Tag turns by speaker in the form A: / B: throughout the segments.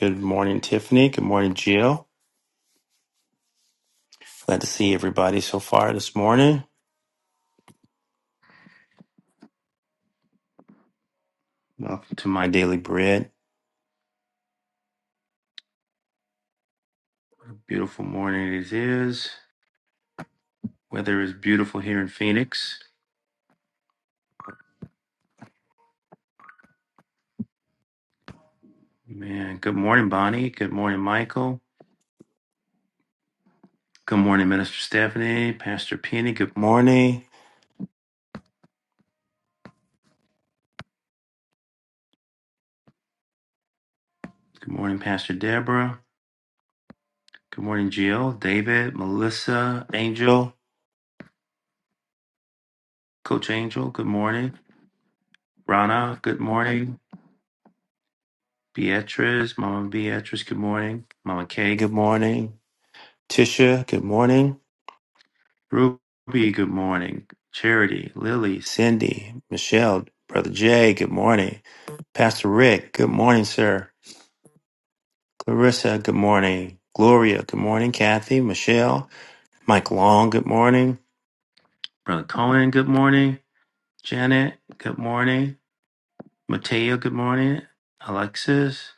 A: Good morning, Tiffany. Good morning, Jill. Glad to see everybody so far this morning. Welcome to my daily bread. Beautiful morning it is. Weather is beautiful here in Phoenix. Man, good morning, Bonnie. Good morning, Michael. Good morning, Minister Stephanie. Pastor Penny, good morning. Good morning, Pastor Deborah. Good morning, Jill, David, Melissa, Angel, Coach Angel, good morning. Rana, good morning. Beatrice, Mama Beatrice, good morning. Mama Kay, good morning. Tisha, good morning. Ruby, good morning. Charity, Lily, Cindy, Michelle, Brother Jay, good morning. Pastor Rick, good morning, sir. Clarissa, good morning. Gloria, good morning. Kathy, Michelle, Mike Long, good morning. Brother Cohen, good morning. Janet, good morning. Mateo, good morning. Alexis,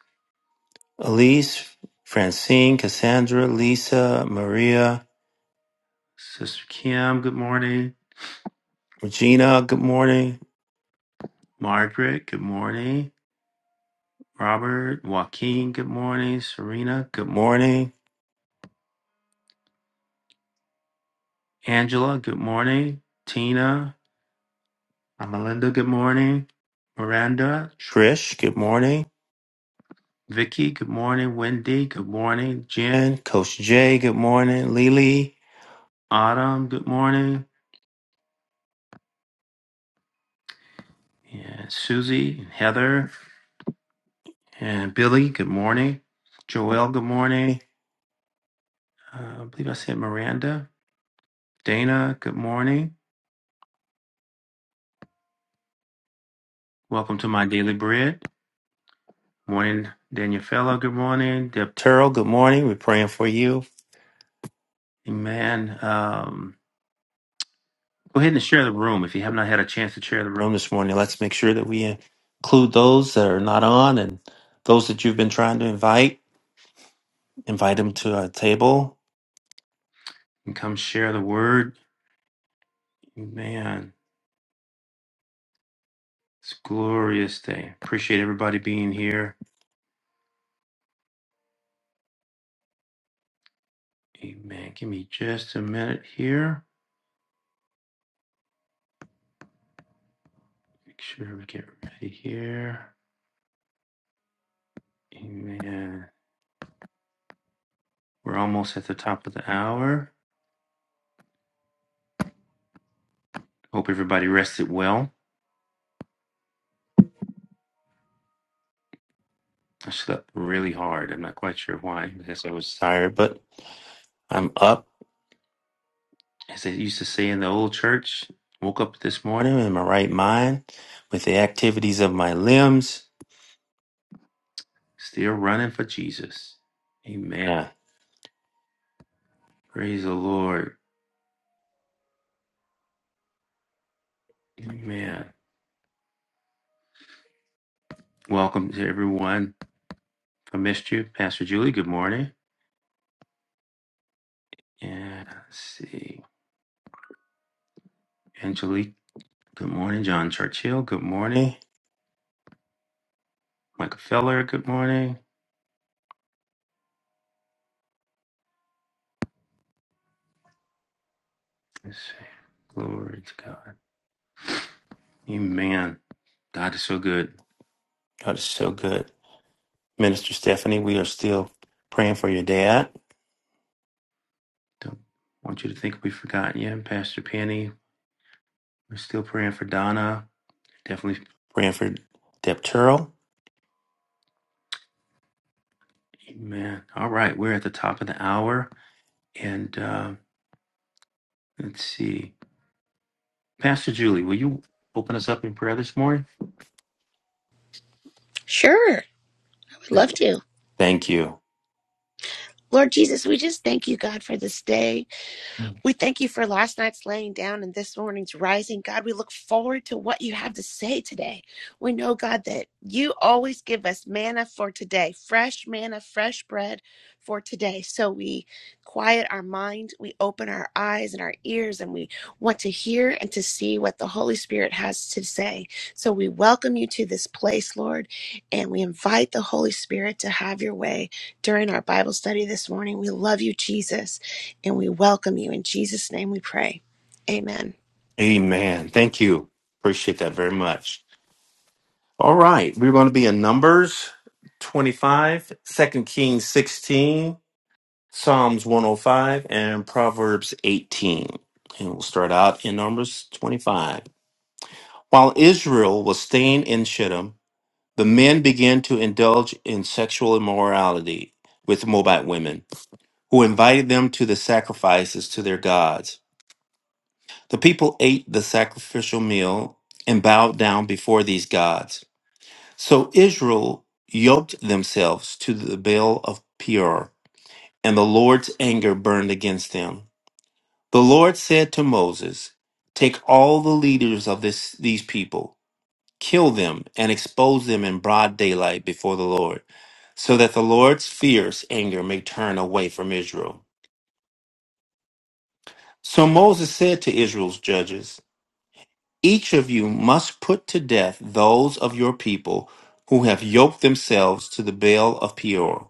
A: Elise, Francine, Cassandra, Lisa, Maria, Sister Kim, good morning. Regina, good morning. Margaret, good morning. Robert, Joaquin, good morning. Serena, good morning. Angela, good morning. Tina, Melinda, good morning. Miranda, Trish, good morning. Vicky, good morning. Wendy, good morning. Jen, Coach Jay, good morning. Lily, Autumn, good morning. And Susie, and Heather, and Billy, good morning. Joelle, good morning. Uh, I believe I said Miranda. Dana, good morning. Welcome to my daily bread. Morning, Daniel. Fellow, Good morning. Deb Turl, good morning. We're praying for you. Amen. Um, go ahead and share the room. If you have not had a chance to share the room this morning, let's make sure that we include those that are not on and those that you've been trying to invite. Invite them to our table and come share the word. Amen. It's a glorious day. Appreciate everybody being here. Amen. Give me just a minute here. Make sure we get ready here. Amen. We're almost at the top of the hour. Hope everybody rested well. I slept really hard. I'm not quite sure why. I guess I was tired, but I'm up. As they used to say in the old church, woke up this morning in my right mind with the activities of my limbs, still running for Jesus. Amen. Yeah. Praise the Lord. Amen. Welcome to everyone. If I missed you, Pastor Julie, good morning. And let's see, Angelique, good morning. John Churchill, good morning. Michael Feller, good morning. Let's see. Glory to God. Amen. God is so good. God is so good. Minister Stephanie, we are still praying for your dad. Don't want you to think we forgot you. And Pastor Penny, we're still praying for Donna. Definitely praying for Deb Turl. Amen. All right, we're at the top of the hour. And uh, let's see. Pastor Julie, will you open us up in prayer this morning?
B: Sure. I would love to.
A: Thank you.
B: Lord Jesus, we just thank you, God, for this day. We thank you for last night's laying down and this morning's rising. God, we look forward to what you have to say today. We know, God, that you always give us manna for today, fresh manna, fresh bread for today. So we quiet our mind, we open our eyes and our ears, and we want to hear and to see what the Holy Spirit has to say. So we welcome you to this place, Lord, and we invite the Holy Spirit to have your way during our Bible study this morning. We love you, Jesus and we welcome you. In Jesus' name we pray. Amen.
A: Amen. Thank you. Appreciate that very much. All right. We're going to be in Numbers 25, Second 2 Kings 16, Psalms 105, and Proverbs 18. And we'll start out in Numbers 25. While Israel was staying in Shittim, the men began to indulge in sexual immorality with Moabite women, who invited them to the sacrifices to their gods. The people ate the sacrificial meal and bowed down before these gods. So Israel yoked themselves to the Baal of Peor, and the Lord's anger burned against them. The Lord said to Moses, Take all the leaders of this, these people, kill them, and expose them in broad daylight before the Lord, so that the Lord's fierce anger may turn away from Israel. So Moses said to Israel's judges, Each of you must put to death those of your people who have yoked themselves to the Baal of Peor.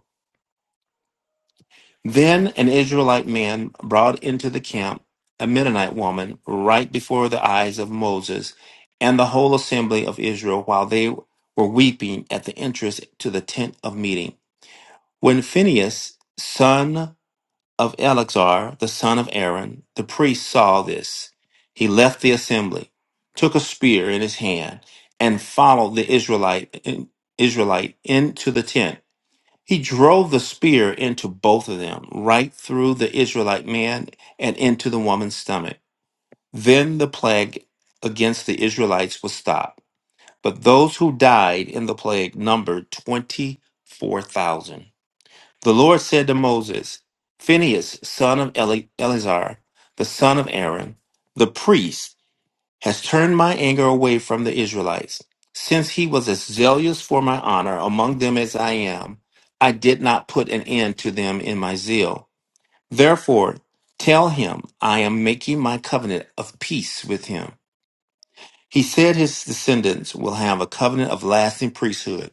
A: Then an Israelite man brought into the camp a Mennonite woman right before the eyes of Moses and the whole assembly of Israel while they were weeping at the entrance to the tent of meeting. When Phinehas, son of Eleazar, the son of Aaron, the priest saw this, he left the assembly, took a spear in his hand, and followed the Israelite, Israelite into the tent. He drove the spear into both of them, right through the Israelite man and into the woman's stomach. Then the plague against the Israelites was stopped. But those who died in the plague numbered 24,000. The Lord said to Moses, Phinehas, son of Ele- Eleazar, the son of Aaron, the priest, has turned my anger away from the Israelites. Since he was as zealous for my honor among them as I am, I did not put an end to them in my zeal. Therefore, tell him I am making my covenant of peace with him. He said his descendants will have a covenant of lasting priesthood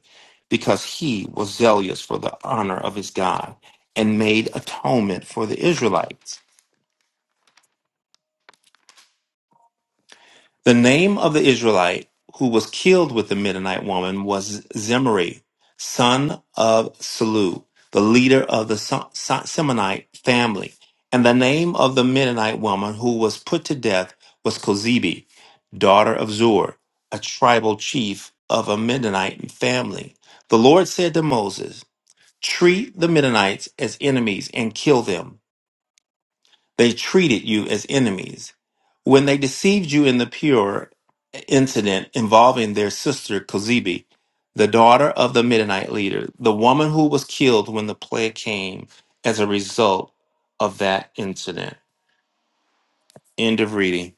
A: because he was zealous for the honor of his God and made atonement for the Israelites. The name of the Israelite who was killed with the Midianite woman was Zimri, son of Salu, the leader of the Se- Se- Semonite family. And the name of the Midianite woman who was put to death was Kozibi, daughter of Zur, a tribal chief of a Midianite family. The Lord said to Moses, Treat the Midianites as enemies and kill them. They treated you as enemies. When they deceived you in the Pure incident involving their sister Kozibi, the daughter of the Midianite leader, the woman who was killed when the plague came as a result of that incident. End of reading.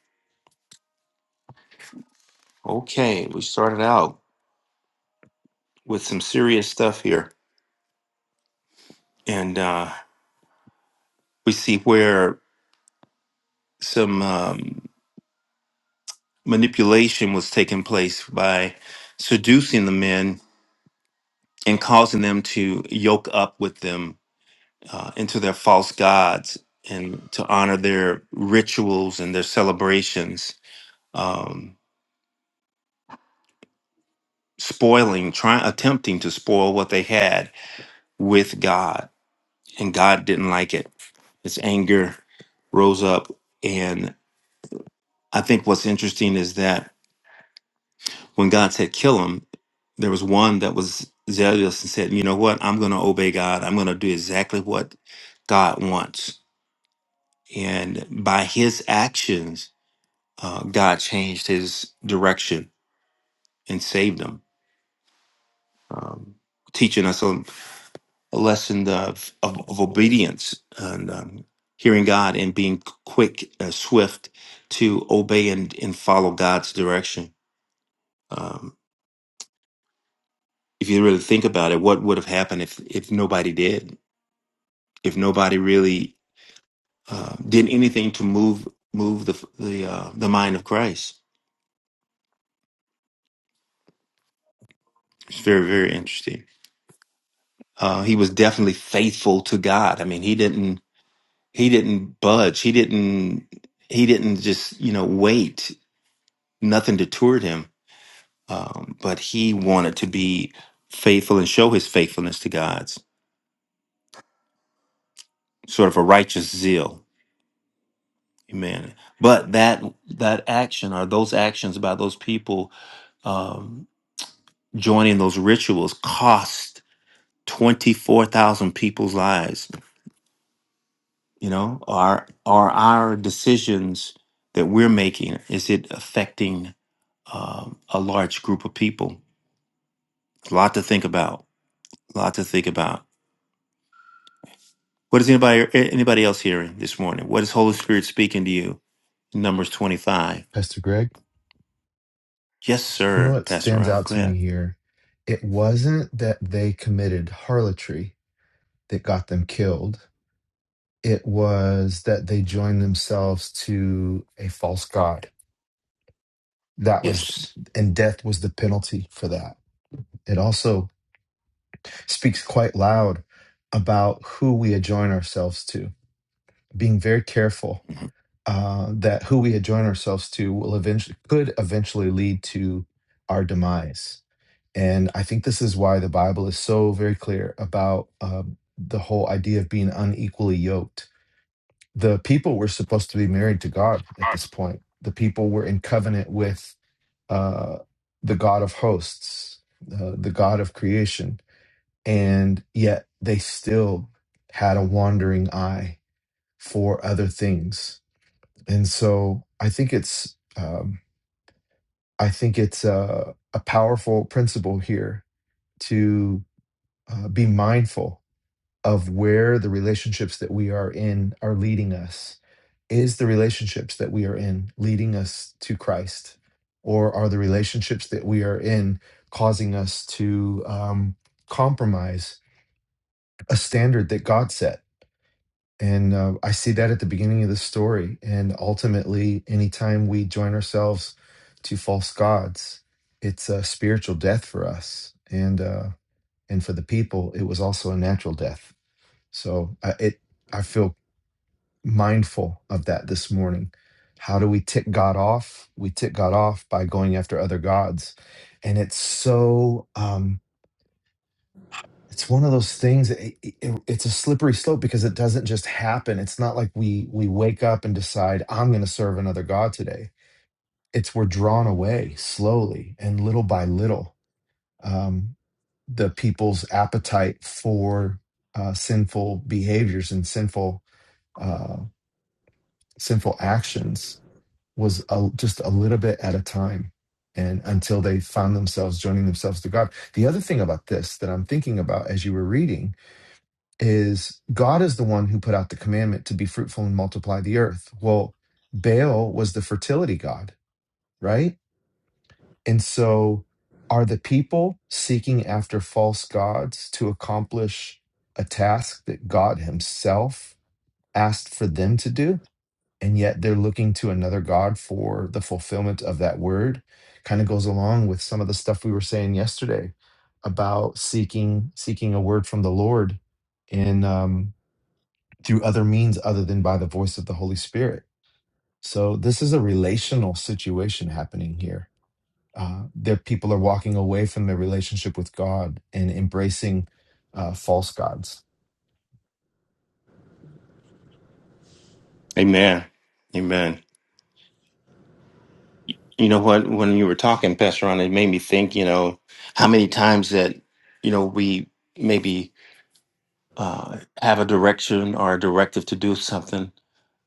A: Okay, we started out with some serious stuff here, and uh, we see where some um, manipulation was taking place by seducing the men and causing them to yoke up with them uh, into their false gods and to honor their rituals and their celebrations, um, spoiling, trying, attempting to spoil what they had with God. And God didn't like it. His anger rose up. And I think what's interesting is that when God said, kill him, there was one that was zealous and said, you know what? I'm going to obey God. I'm going to do exactly what God wants And by his actions, uh, God changed his direction and saved him, um, teaching us a, a lesson of, of, of obedience and um, hearing God and being quick, uh, swift to obey and, and follow God's direction. Um, if you really think about it, what would have happened if, if nobody did? If nobody really uh, did anything to move move the the uh, the mind of Christ? It's very very interesting. Uh, he was definitely faithful to God. I mean, he didn't he didn't budge. He didn't he didn't just you know wait. Nothing deterred him, um, but he wanted to be faithful and show his faithfulness to God's sort of a righteous zeal. Amen. But that that action or those actions by those people um, joining those rituals cost twenty four thousand people's lives you know are are our decisions that we're making is it affecting um, a large group of people a lot to think about a lot to think about what is anybody anybody else hearing this morning what is holy spirit speaking to you numbers 25
C: Pastor Greg,
A: yes
C: you know
A: sir
C: what
A: pastor
C: stands
A: ron
C: out
A: go
C: to me
A: ahead
C: here? It wasn't that they committed harlotry that got them killed. It was that they joined themselves to a false god. That was,
A: yes
C: and death was the penalty for that. It also speaks quite loud about who we adjoin ourselves to, being very careful
A: Mhm.
C: uh, that who we adjoin ourselves to will eventually, could eventually lead to our demise And I think this is why the Bible is so very clear about um, the whole idea of being unequally yoked. The people were supposed to be married to God at this point, the people were in covenant with uh, the God of hosts, uh, the God of creation. And yet they still had a wandering eye for other things. And so I think it's. Um, I think it's a, a powerful principle here to uh, be mindful of where the relationships that we are in are leading us. Is the relationships that we are in leading us to Christ? Or are the relationships that we are in causing us to um, compromise a standard that God set? And uh, I see that at the beginning of the story. And ultimately, anytime we join ourselves to false gods, it's a spiritual death for us. And, uh, and for the people, it was also a natural death so I, it, I feel mindful of that this morning. How do we tick God off? We tick God off by going after other gods, and it's so. Um, it's one of those things. It, it, it- it's a slippery slope because it doesn't just happen. It's not like we we wake up and decide I'm going to serve another god today. It's we're drawn away slowly and little by little. Um, the people's appetite for uh, sinful behaviors and sinful uh, sinful actions was a, just a little bit at a time and until they found themselves joining themselves to God. The other thing about this that I'm thinking about as you were reading is God is the one who put out the commandment to be fruitful and multiply the earth. Well, Baal was the fertility god, right? And so are the people seeking after false gods to accomplish a task that God himself asked for them to do? and yet they're looking to another God for the fulfillment of that word. Kind of goes along with some of the stuff we were saying yesterday about seeking seeking a word from the Lord in um, through other means other than by the voice of the Holy Spirit. So this is a relational situation happening here uh, their people are walking away from their relationship with God and embracing uh, false gods.
A: amen amen Y- you know what when you were talking pastor ron it made me think you know how many times that you know we maybe uh, have a direction or a directive to do something,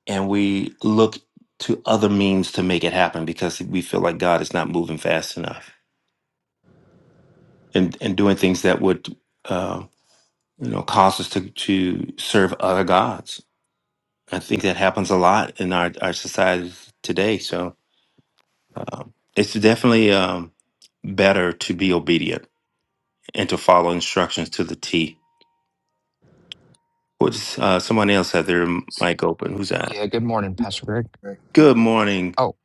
A: and we look to other means to make it happen because we feel like God is not moving fast enough and and doing things that would uh, you know cause us to to serve other gods. I think that happens a lot in our our society today. So um, it's definitely um, better to be obedient and to follow instructions to the T. What's uh, someone else had their mic open? Who's that?
D: Yeah, good morning, Pastor Greg.
E: Greg.
A: Good morning.
D: Oh,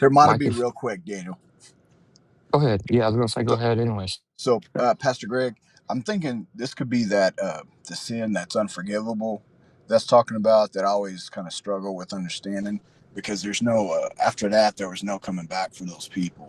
E: Here, mine will
D: Mike,
E: be
D: if
E: real quick, Daniel.
D: go ahead. Yeah, I was gonna say go
E: So,
D: ahead anyways.
E: so uh, Pastor Greg, I'm thinking this could be that uh, the sin that's unforgivable that's talking about that I always kind of struggle with understanding because there's no, uh, after that, there was no coming back for those people.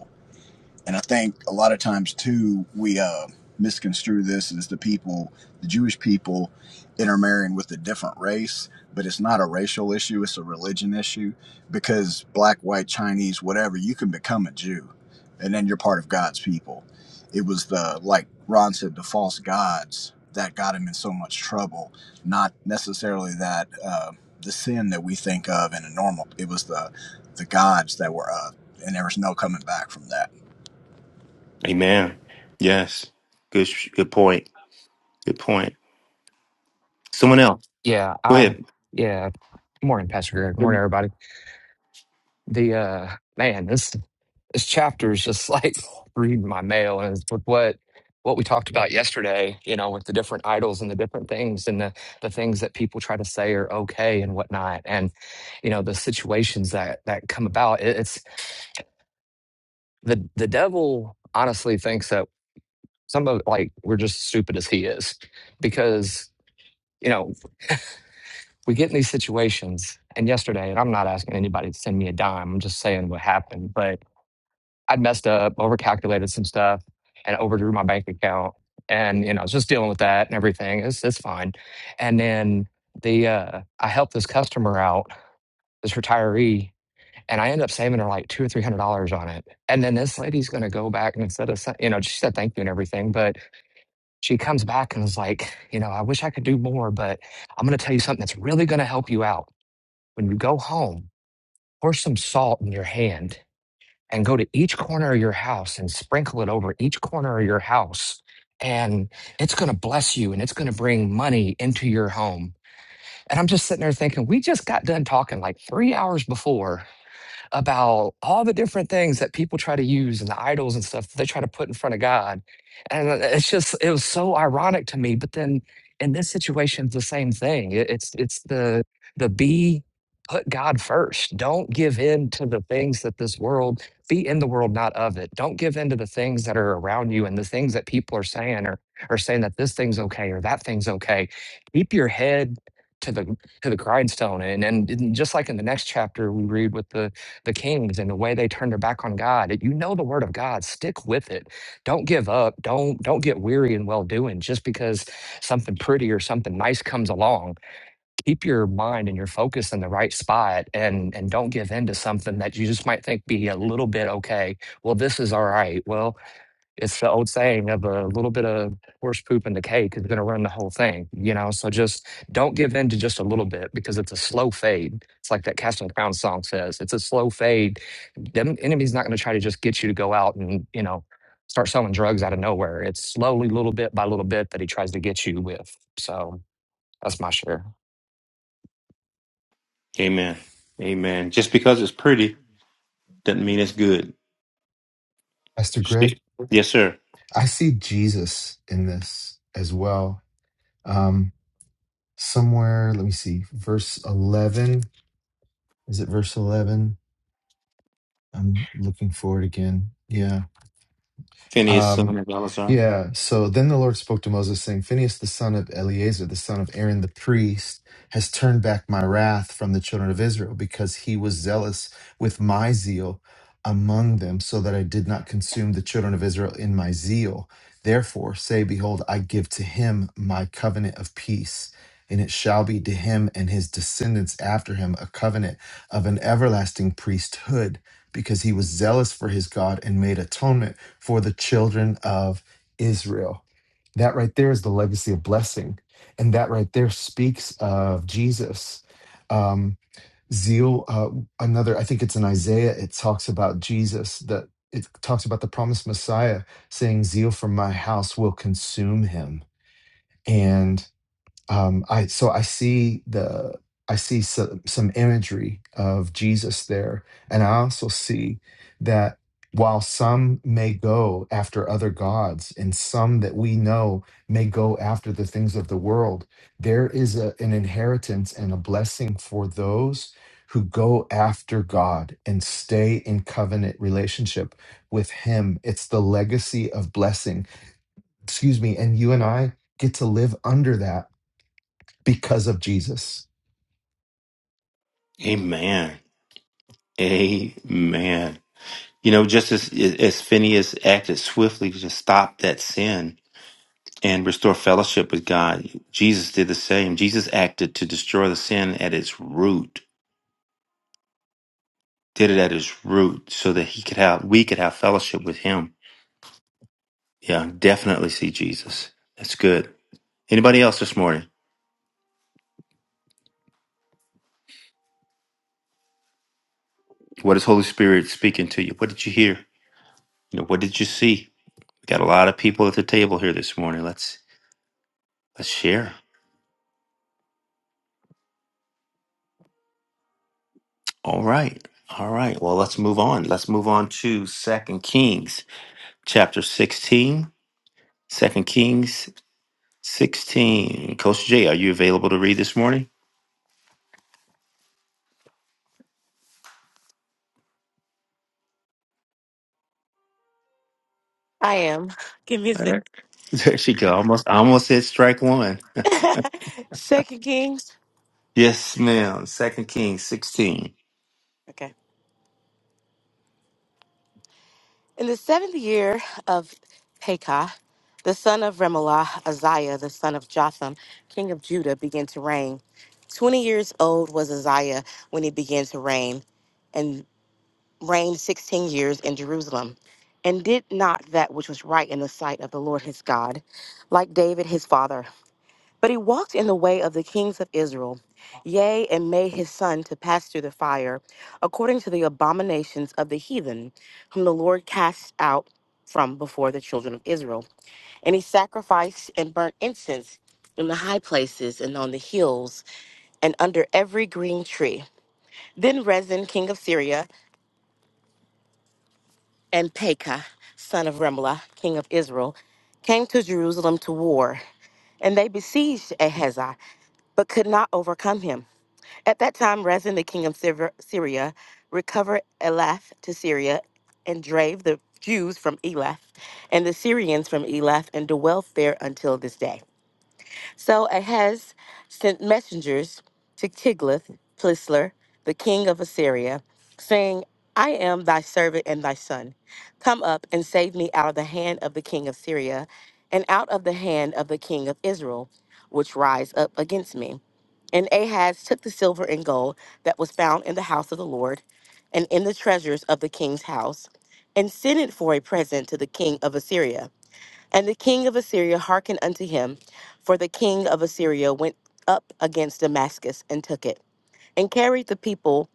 E: and I think a lot of times too we uh, misconstrue this as the people, the Jewish people, intermarrying with a different race. But it's not a racial issue; it's a religion issue because black, white, Chinese, whatever, you can become a Jew, and then you're part of God's people. It was the like Ron said, the false gods that got him in so much trouble, not necessarily that. Uh, the sin that we think of in a normal it was the the gods that were uh and there was no coming back from that
A: Amen. Yes. Good. sh- Good point. Good point. Someone else.
D: Yeah,
A: Go
D: I
A: ahead.
D: yeah, morning, Pastor Greg. Morning everybody. The uh man, this this chapter is just like reading my mail and it's with what what we talked about yesterday, you know, with the different idols and the different things and the, the things that people try to say are okay and whatnot. And, you know, the situations that that come about. It, it's the the devil honestly thinks that. Some of like we're just stupid as he is, because you know we get in these situations. And yesterday, and I'm not asking anybody to send me a dime. I'm just saying what happened. But I would messed up, overcalculated some stuff, and overdrew my bank account. And you know, I was just dealing with that and everything. It's it's fine. And then the uh, I helped this customer out, this retiree, and I end up saving her like two or three hundred dollars on it. And then this lady's going to go back and instead of sa- you know she said thank you and everything, but she comes back and is like, you know, I wish I could do more, but I'm going to tell you something that's really going to help you out. When you go home, pour some salt in your hand and go to each corner of your house and sprinkle it over each corner of your house. And it's going to bless you and it's going to bring money into your home. And I'm just sitting there thinking, we just got done talking like three hours before about all the different things that people try to use and the idols and stuff that they try to put in front of God. And uh, it's just it was so ironic to me. But then in this situation, it's the same thing. It- It's it's the the be put God first. Don't give in to the things that this world be in the world, not of it. Don't give in to the things that are around you and the things that people are saying or or saying that this thing's okay or that thing's okay. Keep your head to the to the grindstone and and in- just like in the next chapter we read with the the kings and the way they turned their back on God. You know the word of God. Stick with it. Don't give up. Don't don't get weary in well doing just because something pretty or something nice comes along. Keep your mind and your focus in the right spot and and don't give in to something that you just might think be a little bit okay. Well, this is all right. Well, it's the old saying of a little bit of horse poop in the cake is going to ruin the whole thing, you know? So just don't give in to just a little bit because it's a slow fade. It's like that Castle and Crown song says it's a slow fade. The enemy's not going to try to just get you to go out and, you know, start selling drugs out of nowhere. It's slowly, little bit by little bit, that he tries to get you with. So that's my share.
A: Amen. Amen. Just because it's pretty doesn't mean it's good.
C: Pastor Greg,
A: Stick- Yes, sir.
C: I see Jesus in this as well. Um, somewhere, let me see, verse 11. Is it verse 11? I'm looking for it again. Yeah.
A: Phineas,
C: Um,
A: son of Eleazar.
C: yeah. So then the Lord spoke to Moses, saying, Phinehas, the son of Eleazar, the son of Aaron the priest, has turned back my wrath from the children of Israel because he was zealous with my zeal among them, so that I did not consume the children of Israel in my zeal. Therefore, say, Behold, I give to him my covenant of peace. And it shall be to him and his descendants after him a covenant of an everlasting priesthood because he was zealous for his God and made atonement for the children of Israel. That right there is the legacy of blessing. And that right there speaks of Jesus. Um, zeal, uh, another, I think it's in Isaiah, it talks about Jesus, that it talks about the promised Messiah saying, Zeal for my house will consume him. And um, I so I see the I see some some imagery of Jesus there, and I also see that while some may go after other gods, and some that we know may go after the things of the world, there is a, an inheritance and a blessing for those who go after God and stay in covenant relationship with Him. It's the legacy of blessing. Excuse me, and you and I get to live under that because of Jesus.
A: Amen. Amen. You know, just as as Phineas acted swiftly to stop that sin and restore fellowship with God, Jesus did the same. Jesus acted to destroy the sin at its root. Did it at its root, so that he could have we could have fellowship with Him. Yeah, definitely see Jesus. That's good. Anybody else this morning? What is Holy Spirit speaking to you? What did you hear? You know, what did you see? We got a lot of people at the table here this morning. Let's let's share. All right. All right. Well, let's move on. Let's move on to Second Kings chapter 16. Second Kings 16. Coach Jay, are you available to read this morning?
F: I am. Give me a
A: All
F: sec.
A: right. There she go. Almost I almost said strike one.
F: Second Kings.
A: Yes, ma'am. Second Kings 16.
F: Okay. In the seventh year of Pekah, the son of Remelah, Uzziah, the son of Jotham, king of Judah, began to reign. Twenty years old was Uzziah when he began to reign, and reigned sixteen years in Jerusalem, and did not that which was right in the sight of the Lord his God, like David his father. But he walked in the way of the kings of Israel, yea, and made his son to pass through the fire, according to the abominations of the heathen, whom the Lord cast out from before the children of Israel. And he sacrificed and burnt incense in the high places and on the hills and under every green tree. Then Rezin, king of Syria, and Pekah, son of Remelah, king of Israel, came to Jerusalem to war, and they besieged Ahaziah, but could not overcome him. At that time, Rezin, the king of Syver- Syria, recovered Elath to Syria and drave the Jews from Elath and the Syrians from Elath and dwelt there until this day. So Ahaz sent messengers to Tiglath Pileser, the king of Assyria, saying, I am thy servant and thy son. Come up and save me out of the hand of the king of Syria and out of the hand of the king of Israel, which rise up against me. And Ahaz took the silver and gold that was found in the house of the Lord and in the treasures of the king's house and sent it for a present to the king of Assyria. And the king of Assyria hearkened unto him, for the king of Assyria went up against Damascus and took it, and carried the people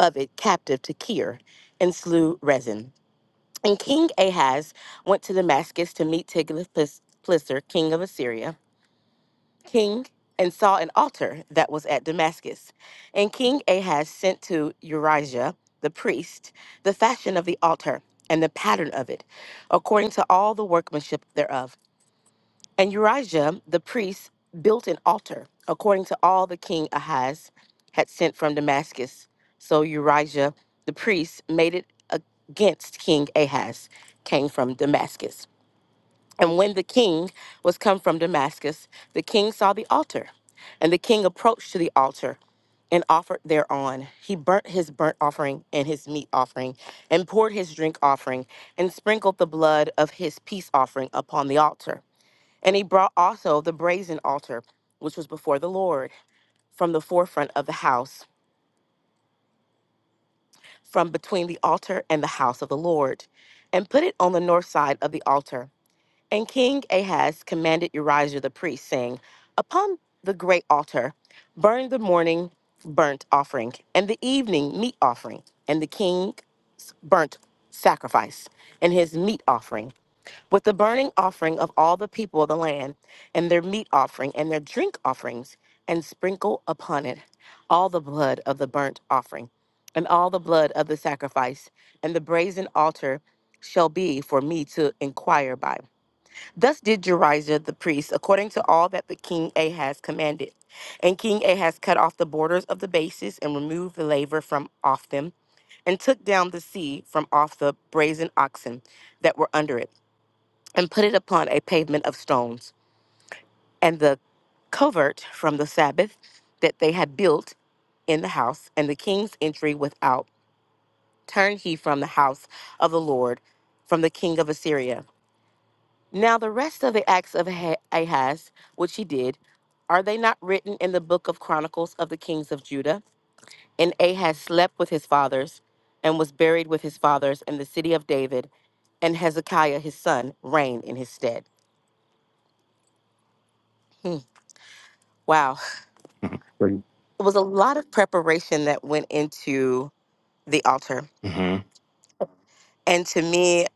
F: of it captive to Kir, and slew Rezin. And King Ahaz went to Damascus to meet Tiglath-Pileser, king of Assyria, king, and saw an altar that was at Damascus. And King Ahaz sent to Urijah the priest the fashion of the altar and the pattern of it, according to all the workmanship thereof. And Urijah the priest built an altar according to all the king Ahaz had sent from Damascus. So Urijah the priest made it against King Ahaz, came from Damascus. And when the king was come from Damascus, the king saw the altar. And the king approached to the altar and offered thereon. He burnt his burnt offering and his meat offering, and poured his drink offering, and sprinkled the blood of his peace offering upon the altar. And he brought also the brazen altar, which was before the Lord, from the forefront of the house, from between the altar and the house of the Lord, and put it on the north side of the altar. And King Ahaz commanded Urijah the priest, saying, Upon the great altar, burn the morning burnt offering, and the evening meat offering, and the king's burnt sacrifice, and his meat offering, with the burning offering of all the people of the land, and their meat offering, and their drink offerings, and sprinkle upon it all the blood of the burnt offering, and all the blood of the sacrifice, and the brazen altar shall be for me to inquire by. Thus did Jerijah the priest, according to all that the king Ahaz commanded. And King Ahaz cut off the borders of the bases and removed the laver from off them, and took down the sea from off the brazen oxen that were under it, and put it upon a pavement of stones. And the covert from the Sabbath that they had built in the house, and the king's entry without, turned he from the house of the Lord, from the king of Assyria. Now, the rest of the acts of Ah- Ahaz, which he did, are they not written in the book of Chronicles of the kings of Judah? And Ahaz slept with his fathers and was buried with his fathers in the city of David, and Hezekiah his son reigned in his stead. Wow. It was a lot of preparation that went into the altar.
A: Mm-hmm.
F: And to me,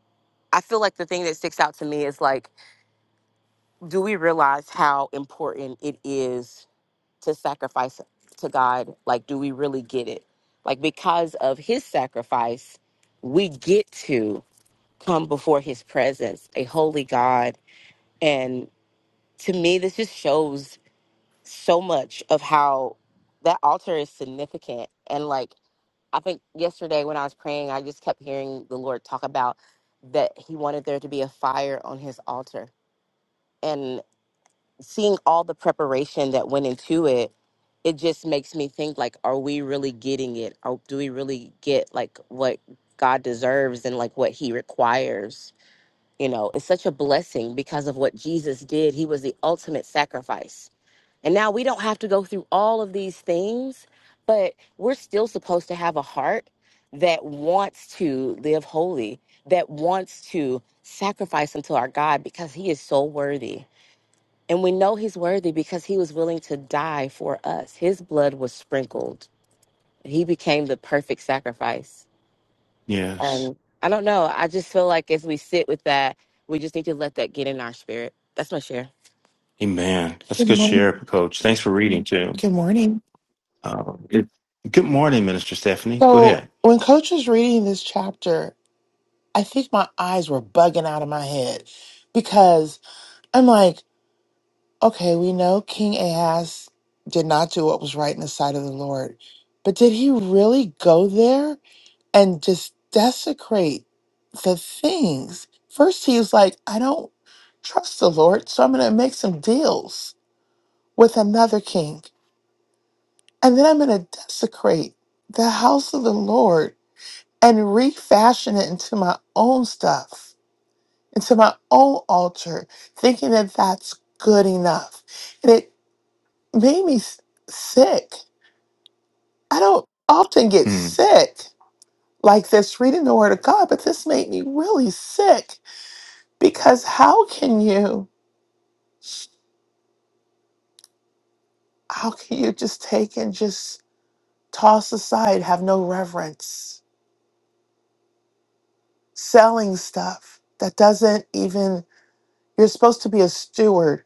F: I feel like the thing that sticks out to me is like, do we realize how important it is? to sacrifice to God? Like, do we really get it? Like, because of his sacrifice, we get to come before his presence, a holy God. And to me, this just shows so much of how that altar is significant. And like, I think yesterday when I was praying, I just kept hearing the Lord talk about that he wanted there to be a fire on his altar. seeing all the preparation that went into it, it just makes me think like, are we really getting it? Or do we really get like what God deserves and like what He requires? You know, it's such a blessing because of what Jesus did. He was the ultimate sacrifice. And now we don't have to go through all of these things, but we're still supposed to have a heart that wants to live holy, that wants to sacrifice unto our God because He is so worthy and we know he's worthy because he was willing to die for us. His blood was sprinkled. He became the perfect sacrifice.
A: Yes.
F: And I don't know. I just feel like as we sit with that, we just need to let that get in our spirit. That's my share.
A: Amen. That's a
G: Good
A: good
G: morning.
A: share, Coach. Thanks for reading too.
G: Good morning.
A: Um, it- good morning, Minister Stephanie. Go
G: So,
A: ahead.
G: when Coach was reading this chapter, I think my eyes were bugging out of my head because I'm like, okay, we know King Ahaz did not do what was right in the sight of the Lord, but did he really go there and just desecrate the things? First, he was like, I don't trust the Lord, so I'm going to make some deals with another king, and then I'm going to desecrate the house of the Lord and refashion it into my own stuff, into my own altar, thinking that that's good enough. And it made me s- sick. I don't often get
A: Mm,
G: sick like this reading the Word of God, but this made me really sick because how can you, how can you just take and just toss aside, have no reverence, selling stuff that doesn't even, you're supposed to be a steward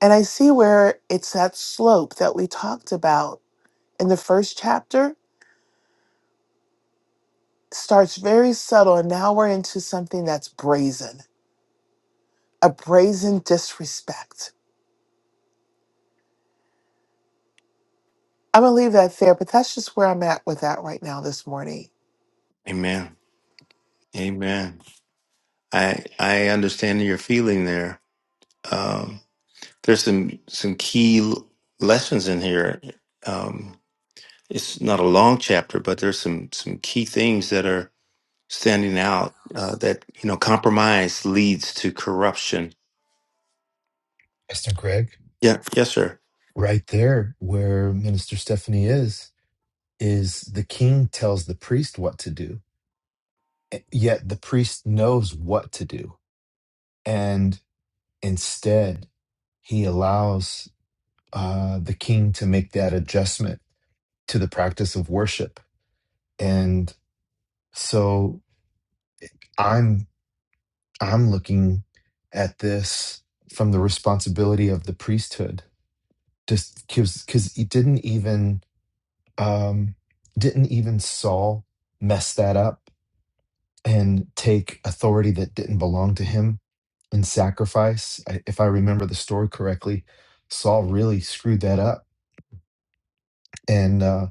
G: And I see where it's that slope that we talked about in the first chapter starts very subtle, and now we're into something that's brazen, a brazen disrespect. I'm gonna leave that there, but that's just where I'm at with that right now this morning.
A: amen. Amen. I I understand your feeling there. Um, there's some some key l- lessons in here. Um, it's not a long chapter, but there's some some key things that are standing out. Uh, that you know, compromise leads to corruption.
C: Pastor Greg,
A: Yeah. Yes, sir.
C: right there where Minister Stephanie is, is the king tells the priest what to do, eh, yet the priest knows what to do. And instead, he allows uh, the king to make that adjustment to the practice of worship. And so I'm I'm looking at this from the responsibility of the priesthood. Just because because it didn't even um, didn't even Saul mess that up and take authority that didn't belong to him in sacrifice. I, if I remember the story correctly, Saul really screwed that up and uh,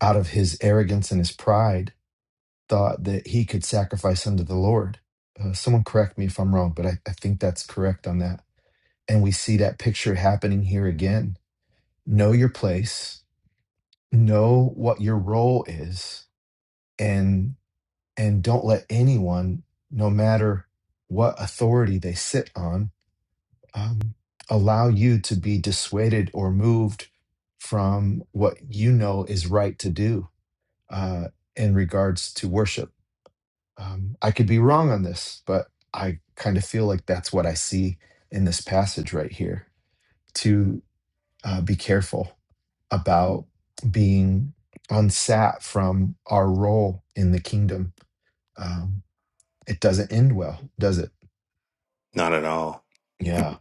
C: out of his arrogance and his pride thought that he could sacrifice unto the Lord. Uh, someone correct me if I'm wrong, but I, I think that's correct on that. And we see that picture happening here again. Know your place, know what your role is, and and don't let anyone, no matter what authority they sit on, um, allow you to be dissuaded or moved from what you know is right to do uh, in regards to worship. Um, I could be wrong on this, but I kind of feel like that's what I see in this passage right here. To uh, be careful about being unsat from our role in the kingdom. Um, it doesn't end well, does it?
A: Not at all.
C: Yeah.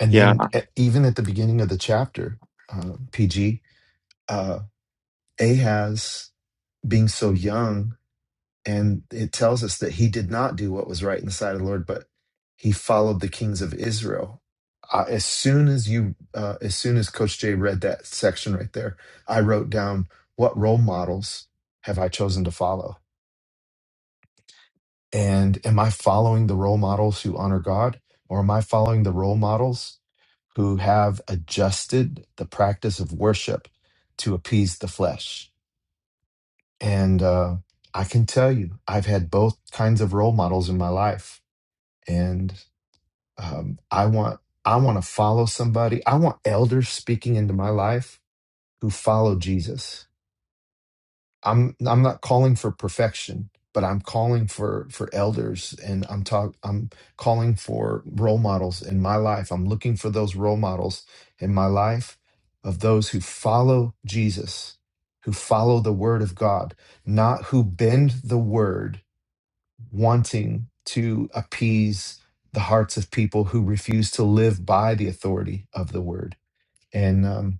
C: And
A: Yeah.
C: then, e- even at the beginning of the chapter, uh, PG, uh, Ahaz being so young And it tells us that he did not do what was right in the sight of the Lord, but he followed the kings of Israel. I, as soon as you, uh, as soon as Coach Jay read that section right there, I wrote down what role models have I chosen to follow, and am I following the role models who honor God, or am I following the role models who have adjusted the practice of worship to appease the flesh? And uh, I can tell you, I've had both kinds of role models in my life and um, I want I want to follow somebody. I want elders speaking into my life who follow Jesus. I'm I'm not calling for perfection, but I'm calling for for elders, and I'm talk I'm calling for role models in my life. I'm looking for those role models in my life of those who follow Jesus, who follow the Word of God, not who bend the Word wanting to appease the hearts of people who refuse to live by the authority of the word and um,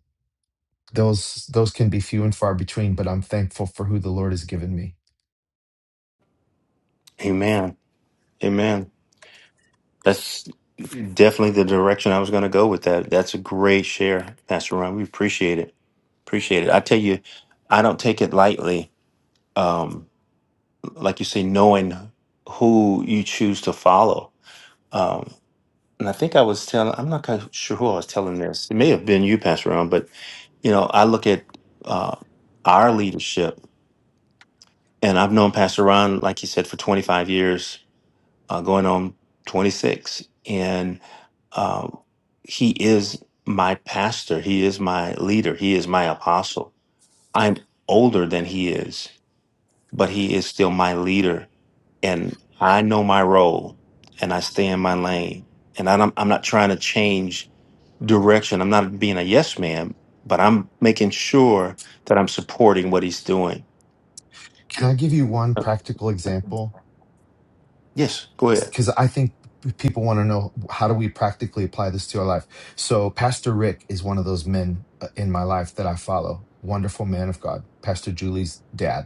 C: those those can be few and far between but i'm thankful for who the lord has given me
A: Amen. Amen. That's definitely the direction I was going to go with that. That's a great share, Pastor Ron. We appreciate it. Appreciate it. I tell you, I don't take it lightly. Um, like you say, knowing who you choose to follow. Um, and I think I was telling, I'm not kind sure who I was telling this. It may have been you, Pastor Ron, but you know, I look at uh, our leadership, and I've known Pastor Ron, like he said, for 25 years. uh, going on 26. And um, he is my pastor. He is my leader. He is my apostle. I'm older than he is, but he is still my leader. And I know my role and I stay in my lane. And I don't, I'm not trying to change direction. I'm not being a yes man, but I'm making sure that I'm supporting what he's doing.
C: can i give you one practical example
A: Yes, go ahead.
C: because i think people want to know how do we practically apply this to our life so pastor rick is one of those men uh, in my life that i follow wonderful man of god pastor julie's dad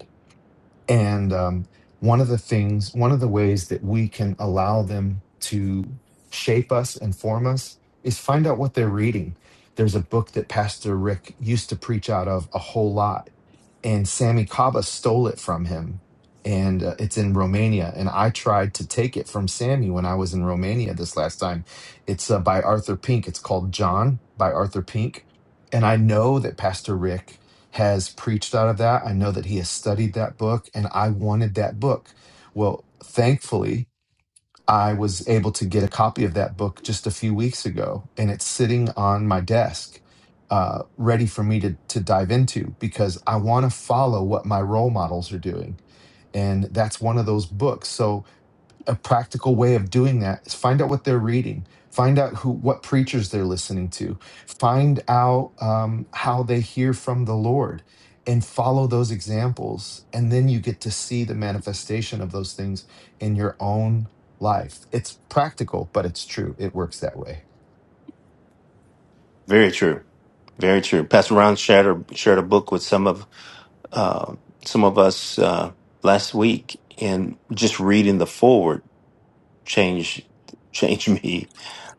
C: And um, one of the things, one of the ways that we can allow them to shape us and form us is find out what they're reading. There's a book that Pastor Rick used to preach out of a whole lot and Sammy Kaba stole it from him. And uh, it's in Romania. And I tried to take it from Sammy when I was in Romania this last time. It's uh, by Arthur Pink. It's called John by Arthur Pink. And I know that Pastor Rick has preached out of that. I know that he has studied that book, and I wanted that book. Well, thankfully, I was able to get a copy of that book just a few weeks ago, and it's sitting on my desk, uh, ready for me to to dive into because I want to follow what my role models are doing, and that's one of those books. So a practical way of doing that is find out what they're reading find out who what preachers they're listening to find out um, how they hear from the lord and follow those examples and then you get to see the manifestation of those things in your own life it's practical but it's true it works that way
A: Very true. Very true. Pastor Ron shared a, shared a book with some of uh, some of us uh, last week, and just reading the forward changed changed me.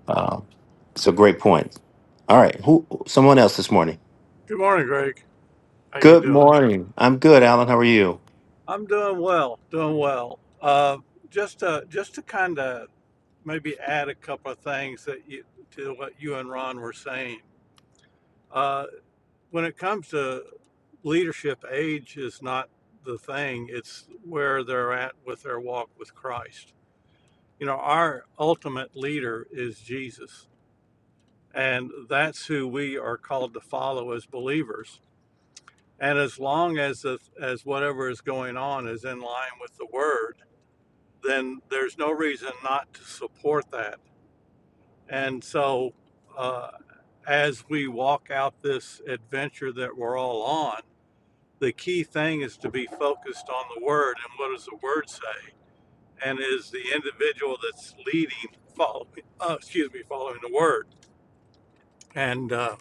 A: Uh, it's a great point. All right, who? Someone else this morning.
H: Good morning, Greg. How you
A: Good
H: doing?
A: morning. I'm good, Alan. How are you?
H: I'm doing well, doing well. Uh, just to, just to kind of maybe add a couple of things that you, to what you and Ron were saying. Uh, when it comes to leadership, age is not the thing. It's where they're at with their walk with Christ. You know, our ultimate leader is Jesus, and that's who we are called to follow as believers And as long as as whatever is going on is in line with the word, then there's no reason not to support that. And so, uh, as we walk out this adventure that we're all on, the key thing is to be focused on the word and what does the word say, and is the individual that's leading following, uh, excuse me, following the word. And uh,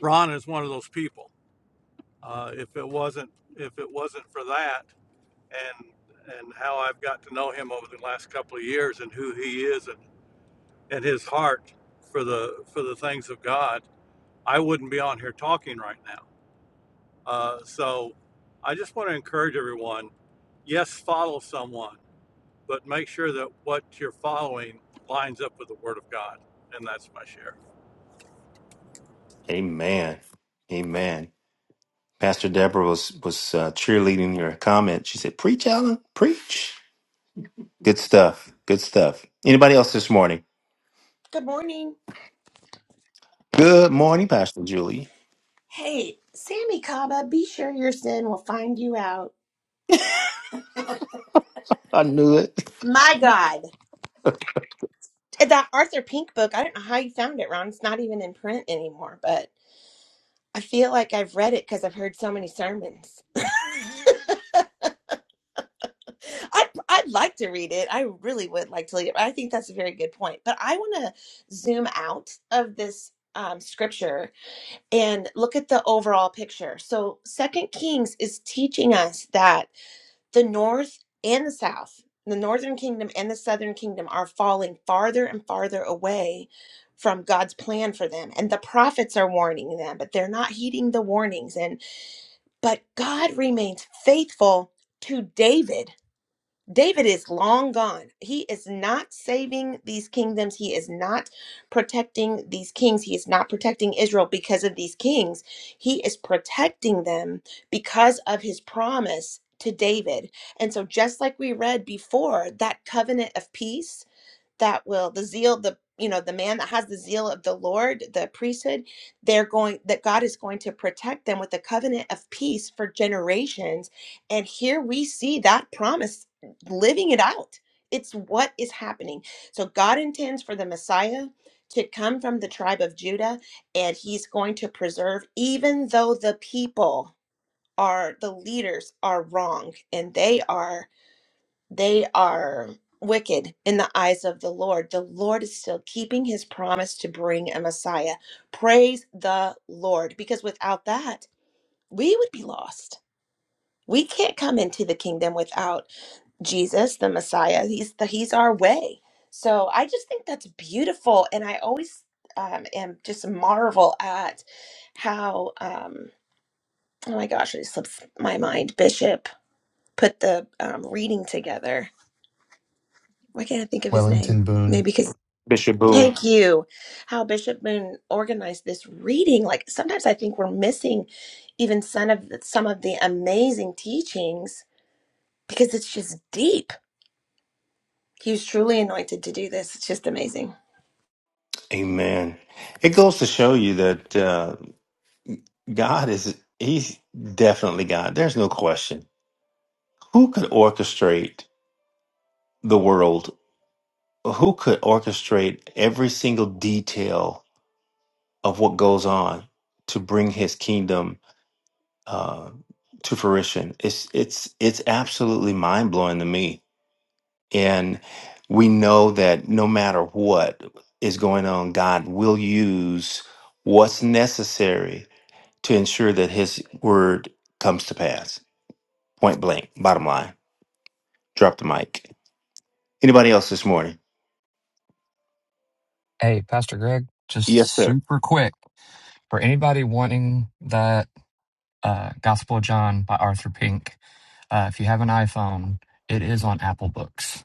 H: Ron is one of those people. Uh, if it wasn't if it wasn't for that, and and how I've got to know him over the last couple of years and who he is and, and his heart for the for the things of God, I wouldn't be on here talking right now. Uh, so I just want to encourage everyone, yes, follow someone, but make sure that what you're following lines up with the Word of God. And that's my share.
A: Amen. Amen. Pastor Deborah was was uh, cheerleading your comment. She said, "Preach, Alan. Preach." Good stuff. Good stuff. Anybody else this morning?
B: Good morning.
A: Good morning, Pastor Julie.
B: Hey, Sammy Kaba, be sure your sin will find you out.
A: I knew it.
B: My God. That Arthur Pink book, I don't know how you found it, Ron. It's not even in print anymore, but I feel like I've read it because I've heard so many sermons. I'd, I'd like to read it. I really would like to read it. I think that's a very good point. But I want to zoom out of this um, scripture and look at the overall picture. So, Second Kings is teaching us that the north and the south, the northern kingdom and the southern kingdom are falling farther and farther away from God's plan for them. And the prophets are warning them, but they're not heeding the warnings and but God remains faithful to David David is long gone. He is not saving these kingdoms. He is not protecting these kings. He is not protecting Israel because of these kings. He is protecting them because of his promise to David. And so, just like we read before, that covenant of peace that will the zeal the you know the man that has the zeal of the lord the priesthood they're going that god is going to protect them with a covenant of peace for generations and here we see that promise living it out it's what is happening so god intends for the messiah to come from the tribe of judah and he's going to preserve even though the people are the leaders are wrong and they are they are wicked in the eyes of the Lord. The Lord is still keeping his promise to bring a Messiah. Praise the Lord, because without that, we would be lost. We can't come into the kingdom without Jesus, the Messiah. He's the, he's our way. So I just think that's beautiful, and I always um, am just marvel at how um, oh my gosh, it slips my mind. Bishop put the um, reading together. Why can't I think of his name?
C: wellington boone
B: Maybe because
A: Bishop Boone.
B: Thank you. How Bishop Moon organized this reading. Like sometimes I think we're missing even some of the, some of the amazing teachings because it's just deep. He was truly anointed to do this. It's just amazing.
A: Amen. It goes to show you that uh, God is, He's definitely God. There's no question. Who could orchestrate the world? Who could orchestrate every single detail of what goes on to bring His kingdom uh, to fruition? It's, it's, it's absolutely mind blowing to me. And we know that no matter what is going on, God will use what's necessary to ensure that his word comes to pass. Point blank, bottom line. Drop the mic. Anybody else this morning?
D: Hey, Pastor Greg, just
A: Yes, sir.
D: super quick for anybody wanting that uh, Gospel of John by Arthur Pink. Uh, if you have an iPhone, it is on Apple Books.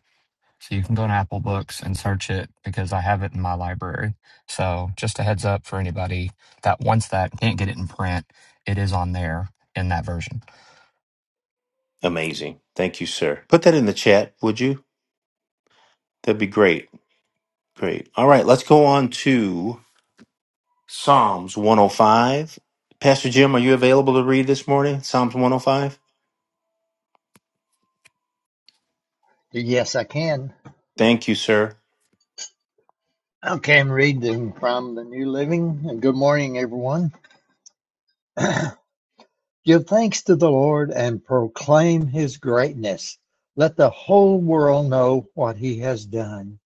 D: So you can go to Apple Books and search it because I have it in my library. So just a heads up for anybody that wants that and can't get it in print, it is on there in that version.
A: Amazing. Thank you, sir. Put that in the chat, would you? That'd be great. Great. All right, let's go on to Psalms 105. Pastor Jim, are you available to read this morning? Psalms 105?
I: Yes, I can.
A: Thank you, sir.
I: Okay, I'm reading from the New Living. And Good morning, everyone. Give thanks to the Lord and proclaim his greatness. Let the whole world know what he has done.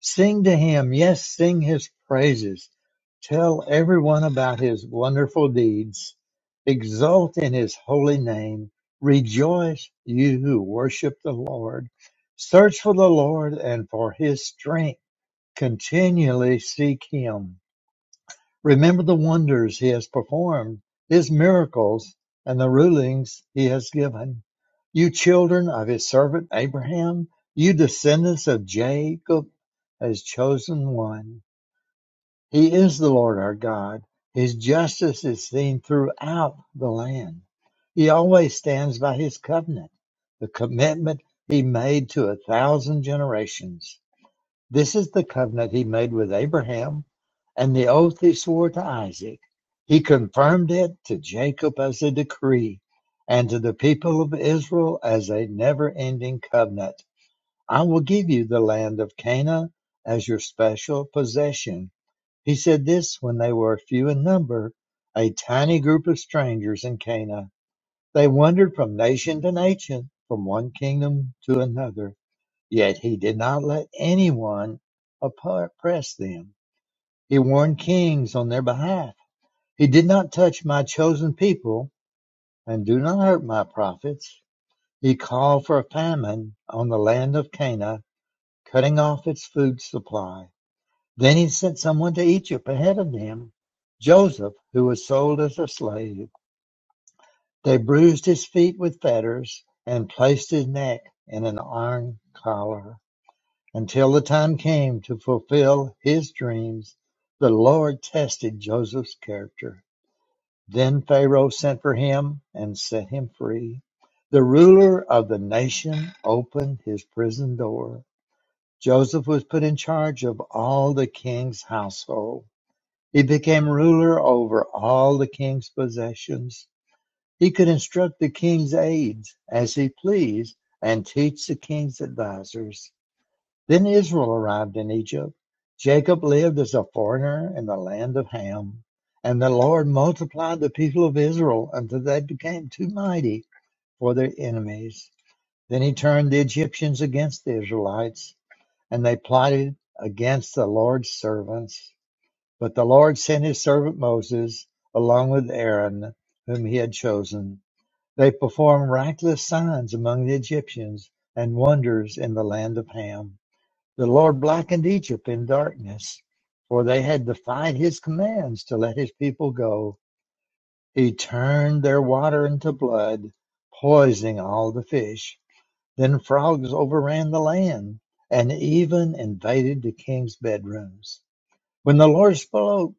I: Sing to him. Yes, sing his praises. Tell everyone about his wonderful deeds. Exult in his holy name. Rejoice, you who worship the Lord. Search for the Lord and for his strength Continually seek Him. Remember the wonders He has performed, His miracles, and the rulings He has given. You children of His servant Abraham, you descendants of Jacob, His chosen one. He is the Lord our God. His justice is seen throughout the land. He always stands by His covenant, the commitment He made to a thousand generations. This is the covenant he made with Abraham and the oath he swore to Isaac. He confirmed it to Jacob as a decree and to the people of Israel as a never ending covenant. I will give you the land of Canaan as your special possession. He said this when they were few in number, a tiny group of strangers in Canaan. They wandered from nation to nation, from one kingdom to another. Yet he did not let anyone oppress them. He warned kings on their behalf. He did not touch my chosen people and do not hurt my prophets. He called for a famine on the land of Cana, cutting off its food supply. Then he sent someone to Egypt ahead of them, Joseph, who was sold as a slave. They bruised his feet with fetters and placed his neck in an iron collar. Until the time came to fulfill his dreams, the Lord tested Joseph's character. Then Pharaoh sent for him and set him free. The ruler of the nation opened his prison door. Joseph was put in charge of all the king's household. He became ruler over all the king's possessions. He could instruct the king's aides as he pleased and teach the king's advisors. Then Israel arrived in Egypt. Jacob lived as a foreigner in the land of Ham. And the Lord multiplied the people of Israel until they became too mighty for their enemies. Then he turned the Egyptians against the Israelites, and they plotted against the Lord's servants. But the Lord sent his servant Moses along with Aaron, whom he had chosen. They performed miraculous signs among the Egyptians and wonders in the land of Ham. The Lord blackened Egypt in darkness, for they had defied his commands to let his people go. He turned their water into blood, poisoning all the fish. Then frogs overran the land and even invaded the king's bedrooms. When the Lord spoke,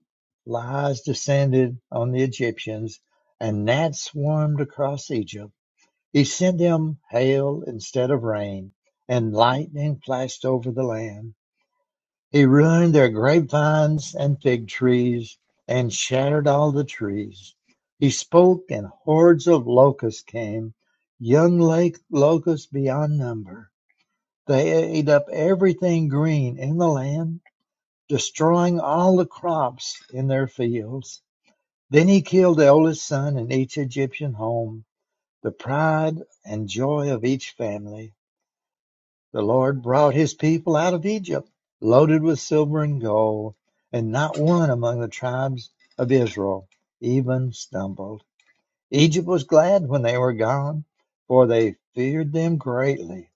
I: flies descended on the Egyptians, and gnats swarmed across Egypt. He sent them hail instead of rain, and lightning flashed over the land. He ruined their grapevines and fig trees, and shattered all the trees. He spoke, and hordes of locusts came, young lake locusts beyond number. They ate up everything green in the land, destroying all the crops in their fields. Then he killed the oldest son in each Egyptian home, the pride and joy of each family. The Lord brought his people out of Egypt, loaded with silver and gold, and not one among the tribes of Israel even stumbled. Egypt was glad when they were gone, for they feared them greatly.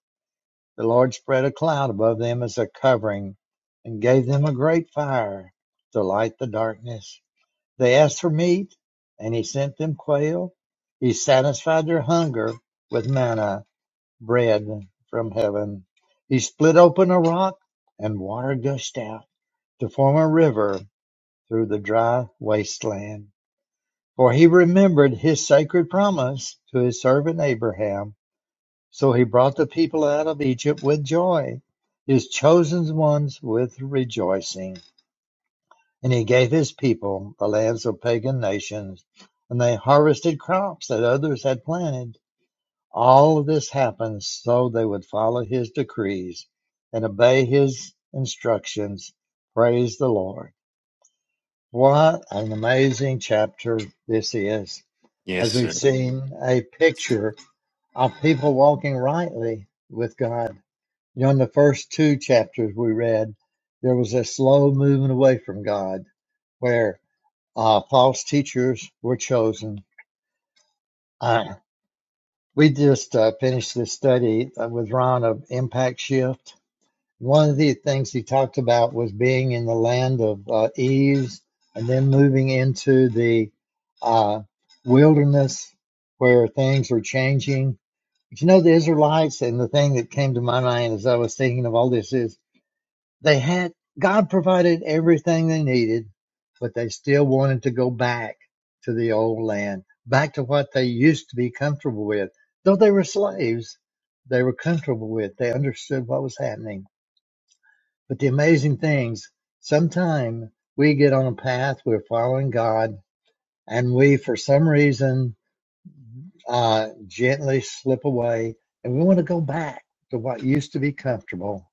I: The Lord spread a cloud above them as a covering and gave them a great fire to light the darkness. They asked for meat, and he sent them quail. He satisfied their hunger with manna bread from heaven. He split open a rock, and water gushed out to form a river through the dry wasteland. For he remembered his sacred promise to his servant Abraham. So he brought the people out of Egypt with joy, his chosen ones with rejoicing. And he gave his people the lands of pagan nations, and they harvested crops that others had planted All of this happened so they would follow his decrees and obey his instructions. Praise the Lord. What an amazing chapter this is.
A: Yes,
I: As we've
A: sir.
I: seen a picture of people walking rightly with God. You know, in the first two chapters we read, there was a slow movement away from God where uh, false teachers were chosen. Uh, we just uh, finished this study uh, with Ron of Impact Shift One of the things he talked about was being in the land of uh, ease and then moving into the uh, wilderness where things are changing. But you know, the Israelites, and the thing that came to my mind as I was thinking of all this is they had, God provided everything they needed, but they still wanted to go back to the old land, back to what they used to be comfortable with. Though they were slaves, they were comfortable with, they understood what was happening but the amazing things sometime we get on a path, we're following God, and we, for some reason, uh, gently slip away, and we want to go back to what used to be comfortable.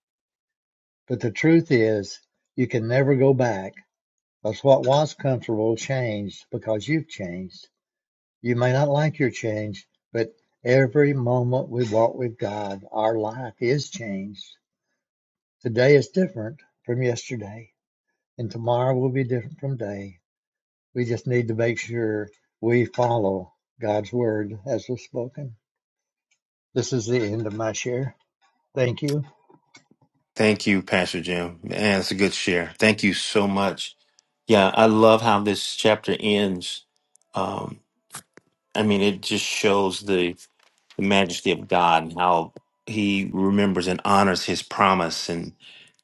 I: But the truth is, you can never go back because what was comfortable changed because you've changed. You may not like your change, but every moment we walk with God, our life is changed. Today is different from yesterday, and tomorrow will be different from day We just need to make sure we follow God's word as it's spoken. This is the end of my share. Thank you.
A: Thank you, Pastor Jim. Man, that's a good share. Thank you so much. Yeah, I love how this chapter ends. Um, I mean, it just shows the the majesty of God and how He remembers and honors His promise and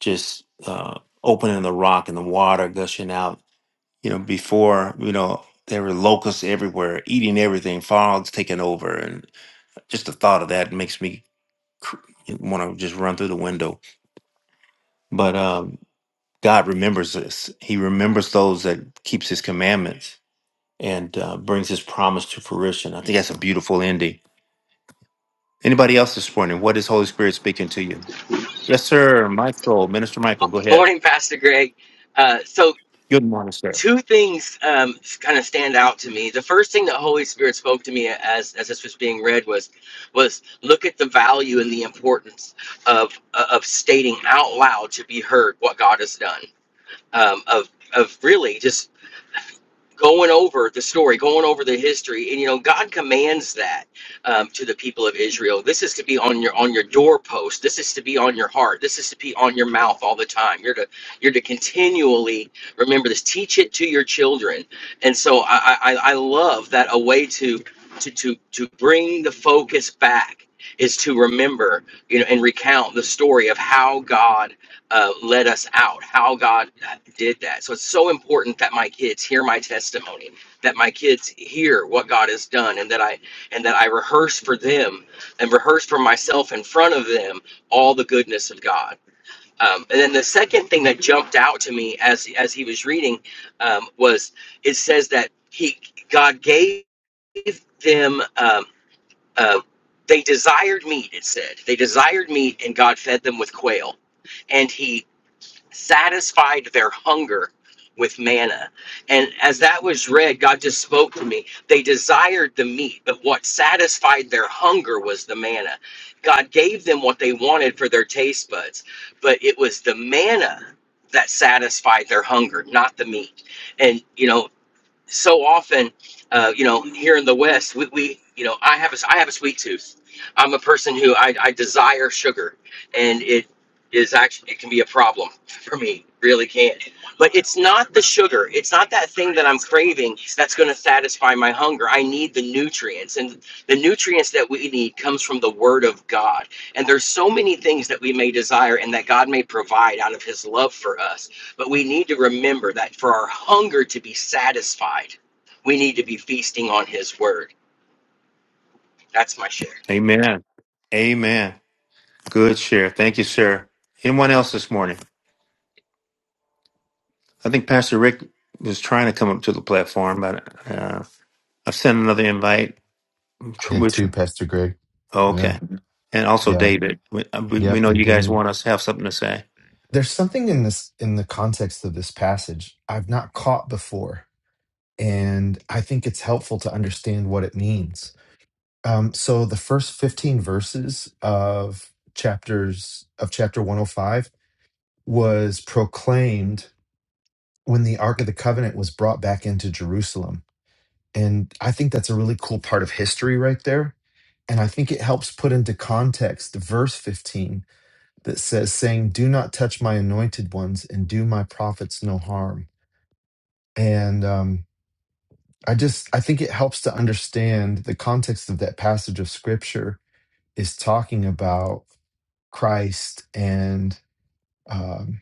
A: just uh, opening the rock and the water gushing out. You know, before you know there were locusts everywhere, eating everything, frogs taking over, and just the thought of that makes me want to just run through the window. But um, God remembers this; He remembers those that keeps His commandments and uh, brings His promise to fruition. I think that's a beautiful ending Anybody else this morning? What is Holy Spirit speaking to you? Yes, sir. Michael, Minister Michael, go ahead.
J: Morning, Pastor Greg. Uh, so,
A: Good morning, sir.
J: two things um, kind of stand out to me. The first thing that Holy Spirit spoke to me as as this was being read was was look at the value and the importance of of stating out loud to be heard what God has done. Um, of of really just going over the story, going over the history, and you know God commands that um, to the people of Israel. This is to be on your on your doorpost. This is to be on your heart. This is to be on your mouth all the time. You're to you're to continually remember this. Teach it to your children. And so I I, I I love that a way to to to to bring the focus back is to remember you know and recount the story of how God uh, led us out, how God uh, did that. So it's so important that my kids hear my testimony, that my kids hear what God has done, and that I and that I rehearse for them and rehearse for myself in front of them all the goodness of God. Um, and then the second thing that jumped out to me as as he was reading um, was it says that he God gave them um, uh, they desired meat. It said they desired meat, and God fed them with quail and he satisfied their hunger with manna. And as that was read, God just spoke to me. They desired the meat, but what satisfied their hunger was the manna. God gave them what they wanted for their taste buds, but it was the manna that satisfied their hunger, not the meat. And, you know, so often, uh, you know, here in the West, we, we you know, I have a, I have a sweet tooth. I'm a person who I, I desire sugar, and it is actually it can be a problem for me. Really can, but it's not the sugar. It's not that thing that I'm craving that's going to satisfy my hunger. I need the nutrients, and the nutrients that we need comes from the Word of God. And there's so many things that we may desire and that God may provide out of His love for us but we need to remember that for our hunger to be satisfied, we need to be feasting on His Word. That's my share.
A: Amen. Amen. Good share. Thank you, sir. Anyone else this morning? I think Pastor Rick was trying to come up to the platform, but uh, I've sent another invite.
C: i
A: Tr-
C: did
A: Which,
C: too pastor greg yeah
A: okay. And also
C: yeah
A: David. We, uh, we we
C: yep
A: know
C: and
A: you guys
C: david
A: want us to have something to say.
C: there's something in this in the context of this passage I've not caught before, and I think it's helpful to understand what it means. Um, so the first 15 verses of chapters of chapter 105 was proclaimed when the Ark of the Covenant was brought back into Jerusalem, and I think that's a really cool part of history right there. And I think it helps put into context verse 15 that says, saying, Do not touch my anointed ones and do my prophets no harm. and um, i just i think it helps to understand the context of that passage of scripture is talking about christ and um,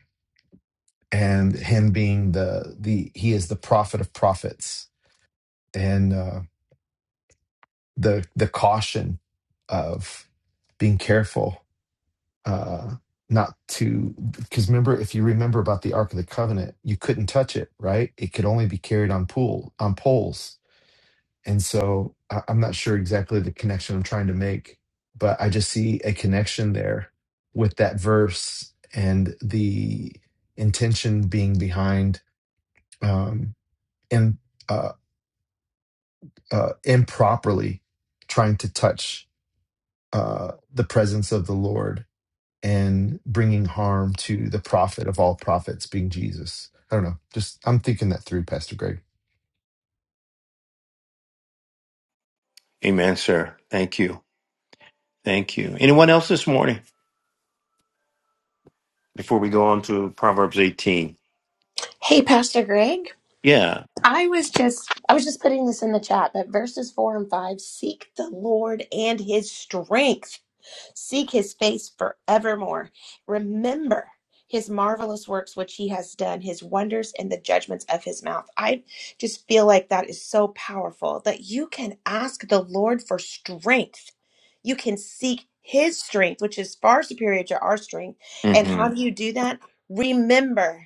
C: and him being the the he is the prophet of prophets and uh, the the caution of being careful uh not to because remember if you remember about the ark of the covenant you couldn't touch it right it could only be carried on pool on poles And so I- I'm not sure exactly the connection I'm trying to make, but I just see a connection there with that verse and the intention being behind um, in, uh, uh, improperly trying to touch uh, the presence of the Lord and bringing harm to the prophet of all prophets, being Jesus. I don't know. Just I'm thinking that through, Pastor Greg.
A: Amen, sir. Thank you. Thank you. Anyone else this morning before we go on to Proverbs 18?
B: Hey, Pastor Greg.
A: Yeah.
B: I was just I was just putting this in the chat, but verses four and five seek the Lord and his strength. Seek his face forevermore. Remember his marvelous works which he has done, his wonders and the judgments of his mouth. I just feel like that is so powerful that you can ask the Lord for strength. You can seek his strength, which is far superior to our strength. And how
A: hmm
B: do you do that? Remember.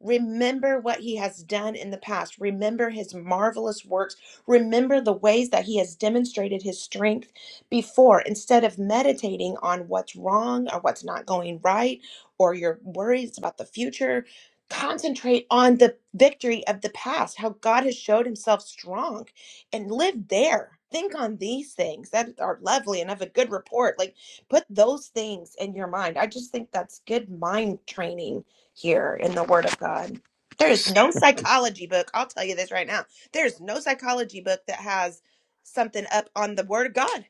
B: Remember what he has done in the past. Remember his marvelous works. Remember the ways that he has demonstrated his strength before. Instead of meditating on what's wrong or what's not going right or your worries about the future, concentrate on the victory of the past, how God has showed himself strong and live there. Think on these things that are lovely and of a good report. Like put those things in your mind. I just think that's good mind training here in the Word of God. There is no psychology book, I'll tell you this right now. There's no psychology book that has something up on the Word of God.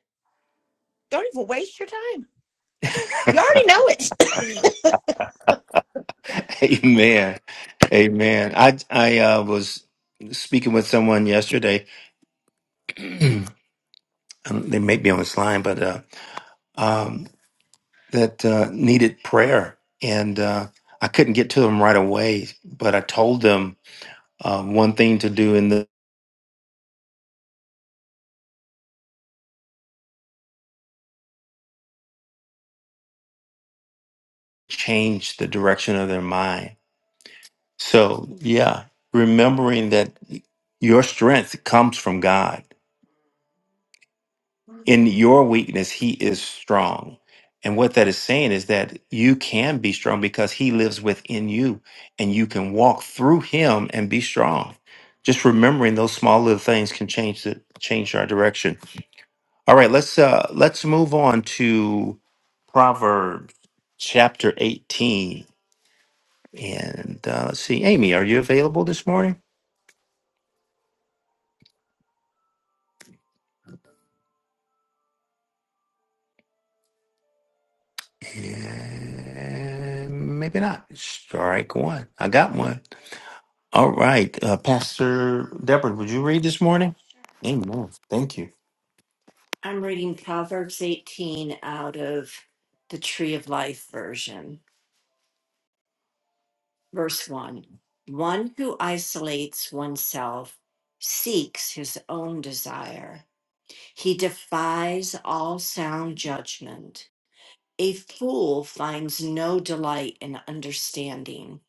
B: Don't even waste your time. You already know it.
A: Amen. Amen. I I uh, was speaking with someone yesterday. um, they may be on this line, but uh, um, that uh, needed prayer, and uh, I couldn't get to them right away. But I told them uh, one thing to do, and the change the direction of their mind. So yeah, remembering that your strength comes from God in your weakness he is strong and what that is saying is that you can be strong because he lives within you and you can walk through him and be strong just remembering those small little things can change the change our direction all right let's uh let's move on to proverbs chapter 18 and uh, let's see amy are you available this morning and maybe not strike one i got one All right. Uh, Pastor Deborah, would you read this morning? Amen. Thank you. I'm reading Proverbs 18 out of the Tree of Life version. Verse 1 One who isolates oneself seeks his own desire, he defies all sound judgment. A fool finds no delight in understanding,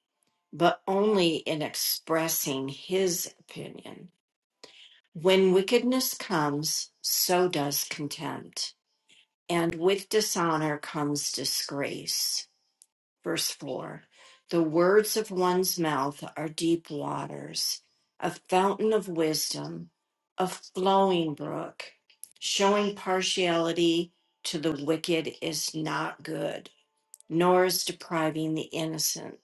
A: but only in expressing his opinion. When wickedness comes, so does contempt, and with dishonor comes disgrace. Verse 4 The words of one's mouth are deep waters, a fountain of wisdom, a flowing brook. Showing partiality to the wicked is not good, nor is depriving the innocent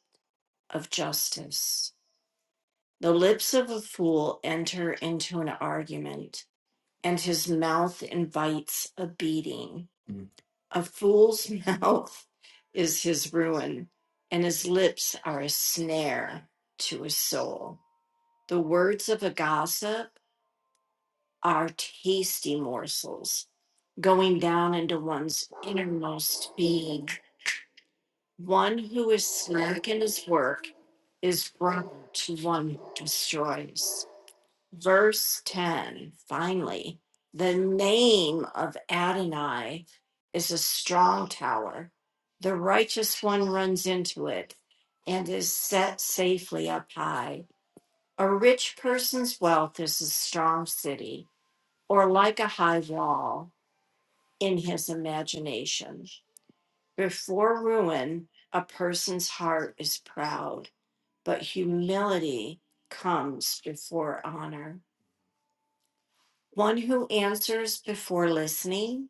A: of justice. The lips of a fool enter into an argument and his mouth invites a beating. Mm. A fool's mouth is his ruin, and his lips are a snare to his soul. The words of a gossip are tasty morsels going down into one's innermost being. One who is slack in his work is brother to one who destroys verse 10, finally, the name of Adonai is a strong tower. The righteous one runs into it and is set safely up high. A rich person's wealth is a strong city, or like a high wall in his imagination. Before ruin, a person's heart is proud, but humility comes before honor. One who answers before listening,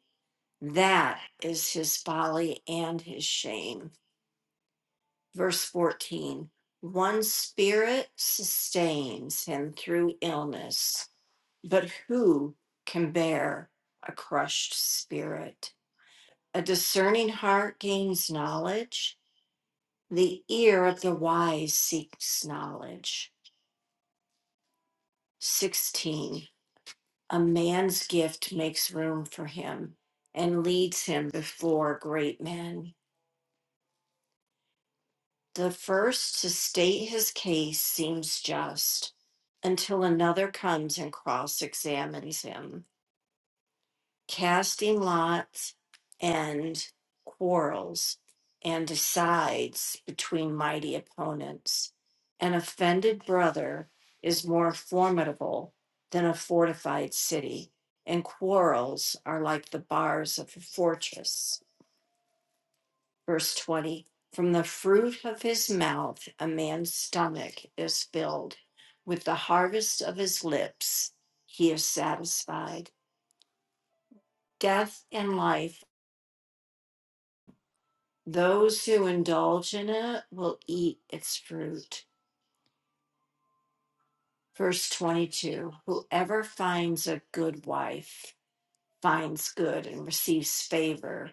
A: that is his folly and his shame. Verse 14 One spirit sustains him through illness, but who can bear a crushed spirit? A discerning heart gains knowledge, the ear of the wise seeks knowledge. 16 A man's gift makes room for him and leads him before great men. The first to state his case seems just until another comes and cross examines him. casting lots and quarrels and decides between mighty opponents. An offended brother is more formidable than a fortified city, and quarrels are like the bars of a fortress. Verse 20 From the fruit of his mouth, a man's stomach is filled. With the harvest of his lips, he is satisfied. Death and life Those who indulge in it will eat its fruit. Verse 22 Whoever finds a good wife finds good and receives favor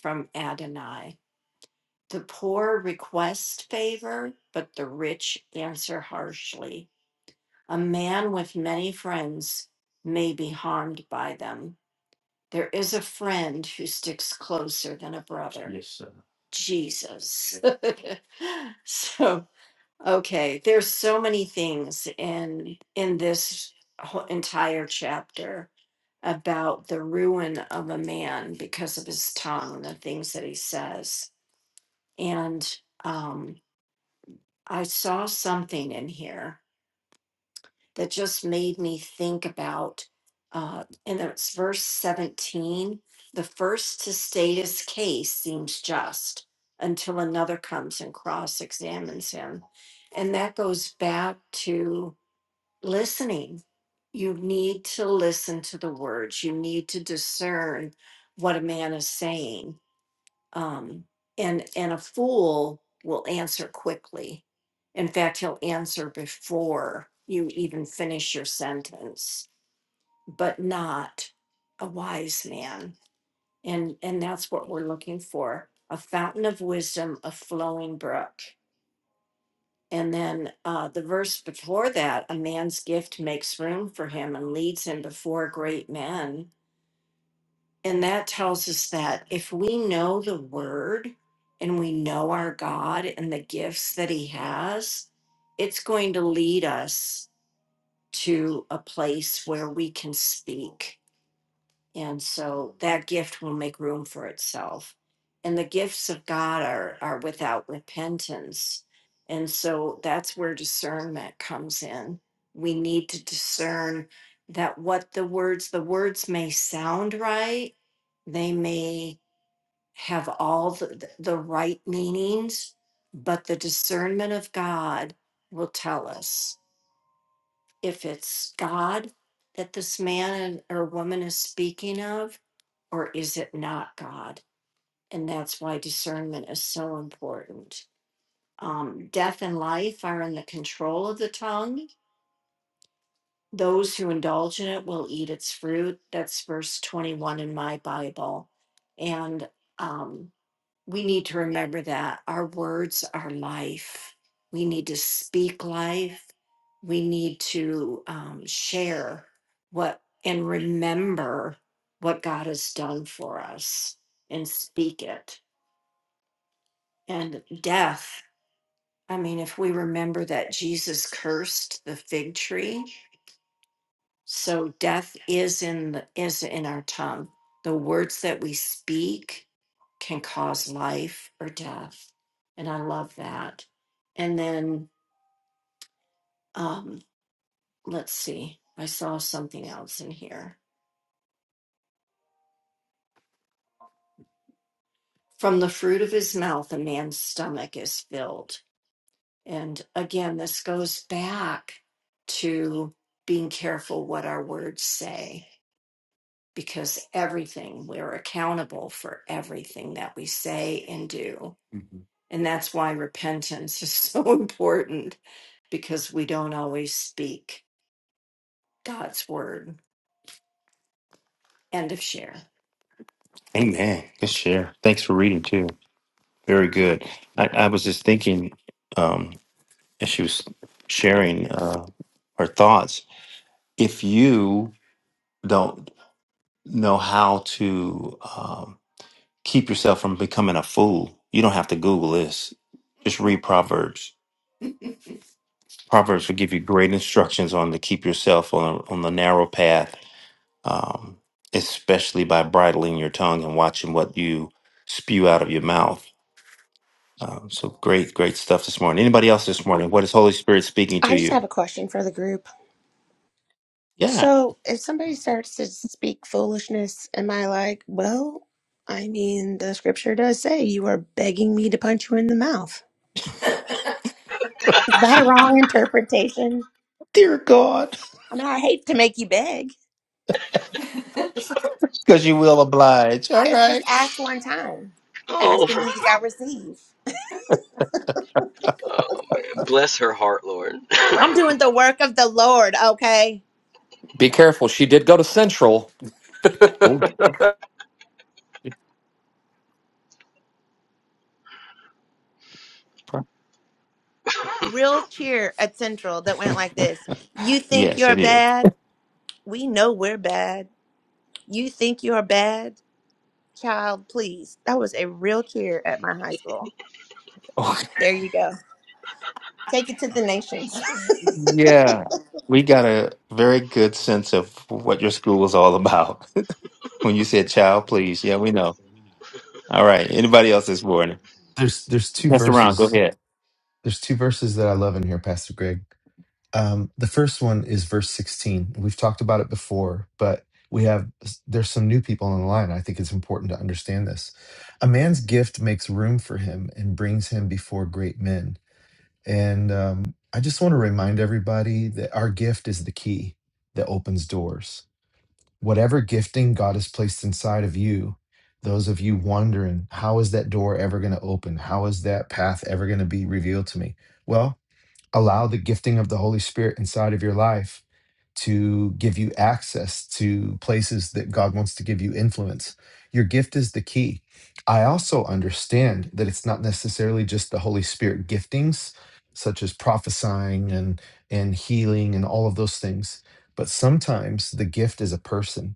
A: from Adonai. The poor request favor, but the rich answer harshly. A man with many friends may be harmed by them. There is a friend who sticks closer than a brother. Yes, sir. Jesus. so Okay, there's so many things in in this whole entire chapter about the ruin of a man because of his tongue and the things that he says. And um, I saw something in here that just made me think about, uh, and it's verse 17 the first to state his case seems just until another comes and cross examines him. And that goes back to listening. You need to listen to the words. You need to discern what a man is saying. Um, and and a fool will answer quickly. In fact, he'll answer before you even finish your sentence, but not a wise man. And and that's what we're looking for: a fountain of wisdom, a flowing brook. And then uh, the verse before that, a man's gift makes room for him and leads him before great men. And that tells us that if we know the word and we know our God and the gifts that he has, it's going to lead us to a place where we can speak and so that gift will make room for itself. And the gifts of God are, are without repentance. And so that's where discernment comes in. We need to discern that what the words, the words may sound right, they may have all the, the right meanings, but the discernment of God will tell us if it's God that this man or woman is speaking of, or is it not God? And that's why discernment is so important. Um, death and life are in the control of the tongue. Those who indulge in it will eat its fruit. That's verse 21 in my Bible. And um, we need to remember that our words are life. We need to speak life. We need to um, share what and remember what God has done for us and speak it. And death, I mean, if we remember that Jesus cursed the fig tree, so death is in the, is in our tongue. The words that we speak can cause life or death. And I love that. And then um, let's see, I saw something else in here. From the fruit of his mouth, a man's stomach is filled. And again, this goes back to being careful what our words say, because everything, we're accountable for everything that we say and do. Mhm. And that's why repentance is so important because we don't always speak. God's word. End of share. Amen. Good share. Thanks for reading too. Very good. I, I was just thinking, um, as she was sharing uh, her thoughts, if you don't know how to um, keep yourself from becoming a fool, you don't have to Google this. Just read Proverbs. Proverbs will give you great instructions on to keep yourself on on the narrow path um, especially by bridling your tongue and watching what you spew out of your mouth. Um, so great, great stuff this morning. Anybody else this morning? What is Holy Spirit speaking to
B: I just
A: you?
B: have a question for the group.
A: Yeah,
B: So, if somebody starts to speak foolishness, am I like, well, I mean, the scripture does say you are begging me to punch you in the mouth. Is that a
A: she,
B: wrong interpretation?
A: dear God,
B: I mean, I hate to make you beg,
A: because you will oblige. All
B: because just
A: right.
B: ask one time.
J: Oh,
B: Ask and you shall receive.
J: oh man, bless her heart, Lord.
B: I'm doing the work of the Lord, okay?
D: Be careful. She did go to Central.
A: Oh, it's pro-
B: Real cheer at Central that went like this You think
A: yes,
B: you're
A: it is.
B: bad? We know we're bad. You think you're bad? Child, please. That was a real cheer at my high school.
A: Oh,
B: There you go. Take it to the nations.
A: yeah. We got a very good sense of what your school was all about. when you said, child, please. Yeah, we know. All right. Anybody else this morning?
C: There's there's two
A: Pastor Ron, go
C: verses.
A: ahead.
C: There's two verses that I love in here, Pastor Greg. Um, the first one is verse 16. We've talked about it before, but we have there's some new people on the line. I think it's important to understand this. A man's gift makes room for him and brings him before great men. And um, I just want to remind everybody that our gift is the key that opens doors. Whatever gifting God has placed inside of you, those of you wondering, how is that door ever going to open? How is that path ever going to be revealed to me? Well, allow the gifting of the Holy Spirit inside of your life to give you access to places that God wants to give you influence. Your gift is the key. I also understand that it's not necessarily just the Holy Spirit giftings, such as prophesying and, and healing and all of those things, but sometimes the gift is a person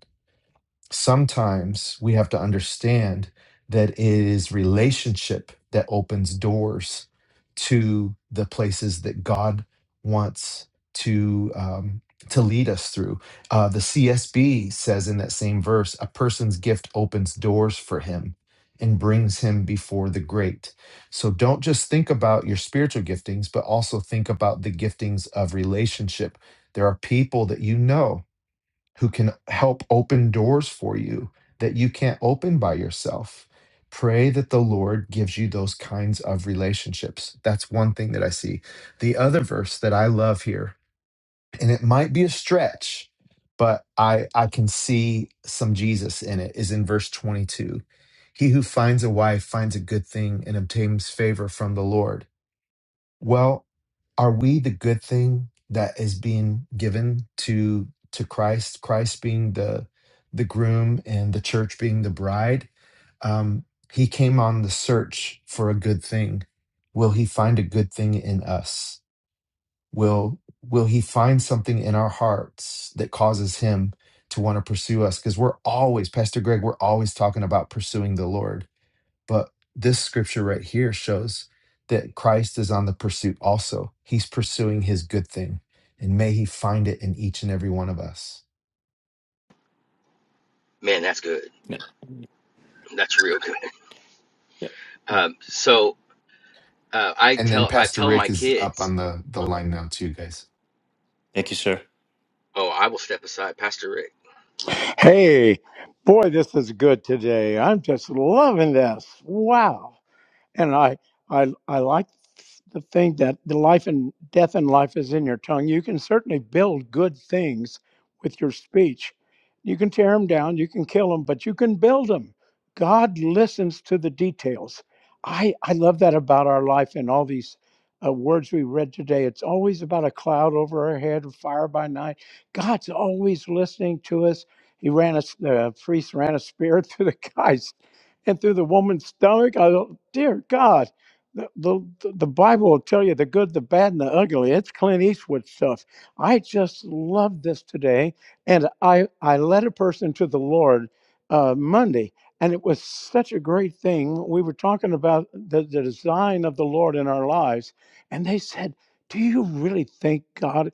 C: sometimes we have to understand that it is relationship that opens doors to the places that God wants to um, to lead us through. Uh, the CSB says in that same verse, a person's gift opens doors for him and brings him before the great. So don't just think about your spiritual giftings, but also think about the giftings of relationship. There are people that you know who can help open doors for you that you can't open by yourself. Pray that the Lord gives you those kinds of relationships. That's one thing that I see. The other verse that I love here, and it might be a stretch, but I, I can see some Jesus in it, is in verse 22. He who finds a wife finds a good thing and obtains favor from the Lord. Well, are we the good thing that is being given to to Christ? Christ being the the groom and the church being the bride. Um, he came on the search for a good thing. Will he find a good thing in us? Will will he find something in our hearts that causes him to want to pursue us? Because we're always, Pastor Greg, we're always talking about pursuing the Lord but this scripture right here shows that Christ is on the pursuit also. He's pursuing his good thing, and may he find it in each and every one of us.
J: man, that's good. That's real good.
A: Yeah.
J: Um, so uh, I
C: And then
J: tell I
C: Pastor
J: tell
C: Rick
J: my
C: is up
J: kids.
C: on the, the
J: Oh,
C: line now, too, guys.
A: Thank you, sir.
J: oh, I will step aside, Pastor Rick.
K: Hey, boy, this is good today. I'm just loving this. Wow and I I I like the thing that the life and death and life is in your tongue. You can certainly build good things with your speech. You can tear them down, you can kill them, but you can build them. God listens to the details. I I love that about our life and all these uh, words we read today. It's always about a cloud over our head, fire by night. God's always listening to us. He ran a s- the priest ran a spear through the guy's and through the woman's stomach. I do dear God, the, the the Bible will tell you the good, the bad, and the ugly. It's Clint Eastwood stuff. I just love this today, and I I led a person to the Lord uh, Monday, and it was such a great thing. We were talking about the, the design of the Lord in our lives, and they said. Do you really think God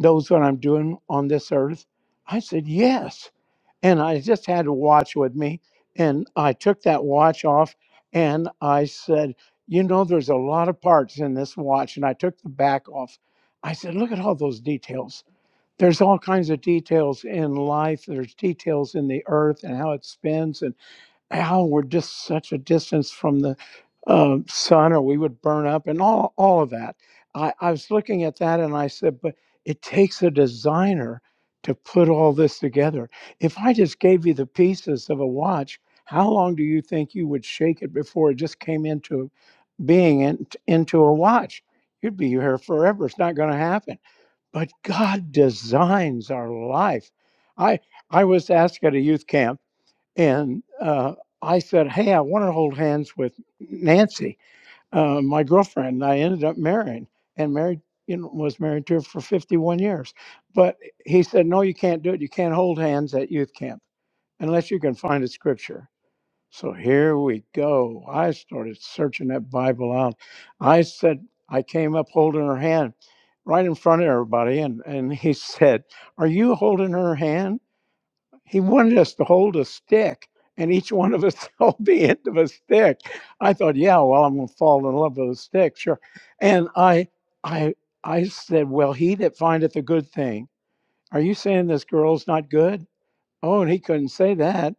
K: knows what I'm doing on this earth? I said, Yes and I just had a watch with me. And I took that watch off and I said, You know, there's a lot of parts in this watch. And I took the back off. I said, Look at all those details. There's all kinds of details in life. There's details in the earth and how it spins. And how we're just such a distance from the uh, sun or we would burn up and all, all of that. I, I was looking at that and I said, but it takes a designer to put all this together. If I just gave you the pieces of a watch, how long do you think you would shake it before it just came into being in, into a watch? You'd be here forever. It's not going to happen. But God designs our life. I I was asked at a youth camp and uh, I said, Hey, I want to hold hands with Nancy, uh, my girlfriend. I ended up marrying and married, you know, was married to her for 51 years. But he said, No, you can't do it. You can't hold hands at youth camp unless you can find a scripture. So here we go. I started searching that Bible out. I said, I came up holding her hand right in front of everybody. And, and he said, Are you holding her hand? He wanted us to hold a stick and each one of us held the end of a stick. I thought, yeah, well, I'm gonna fall in love with a stick, sure. And I I I said, Well, he that findeth a good thing. Are you saying this girl's not good? Oh, and he couldn't say that.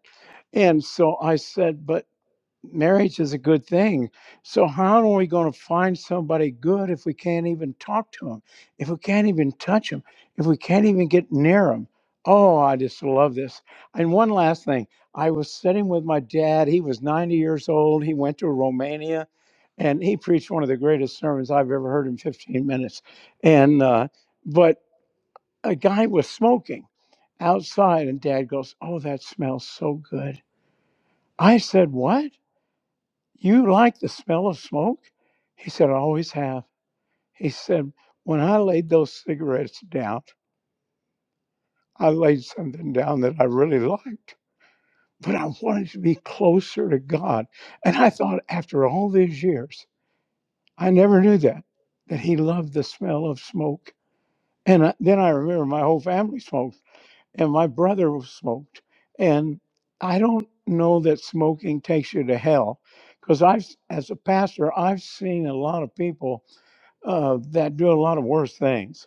K: And so I said, but marriage is a good thing. So how are we going to find somebody good if we can't even talk to him, if we can't even touch him, if we can't even get near him? Oh, I just love this. And one last thing, I was sitting with my dad. He was 90 years old. He went to Romania, and he preached one of the greatest sermons I've ever heard in 15 minutes. And uh, but a guy was smoking outside, and Dad goes, "Oh, that smells so good." I said, "What?" You like the smell of smoke? He said, I always have. He said, When I laid those cigarettes down, I laid something down that I really liked, but I wanted to be closer to God. And I thought, after all these years, I never knew that, that he loved the smell of smoke. And I, then I remember my whole family smoked, and my brother was smoked. And I don't know that smoking takes you to hell because I've, as a pastor, I've seen a lot of people uh, that do a lot of worse things.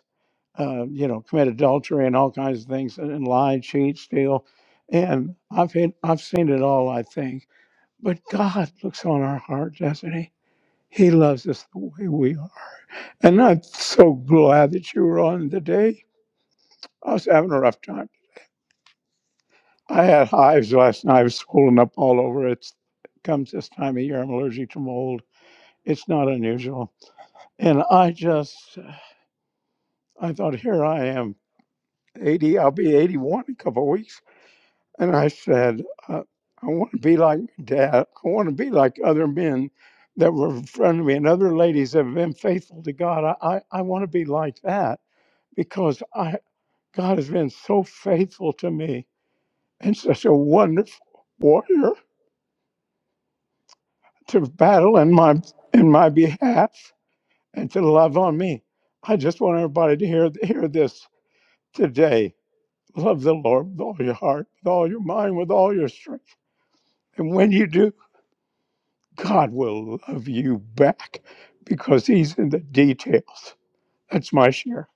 K: Uh, you know, commit adultery and all kinds of things, and, and lie, cheat, steal, and I've hit, I've seen it all. I think, but God looks on our heart, doesn't He? He loves us the way we are, and I'm so glad that you were on today. I was having a rough time. I had hives last night. I was swollen up all over. It's it comes this time of year. I'm allergic to mold. It's not unusual, and I just I thought, here I am 80, I'll be 81 in a couple of weeks. And I said, uh, I want to be like my dad. I want to be like other men that were in front of me and other ladies that have been faithful to God. I, I, I want to be like that because I God has been so faithful to me and such a wonderful warrior to battle in my in my behalf and to love on me. I just want everybody to hear hear this today. Love the Lord with all your heart, with all your mind, with all your strength And when you do, God will love you back because He's in the details. That's my share.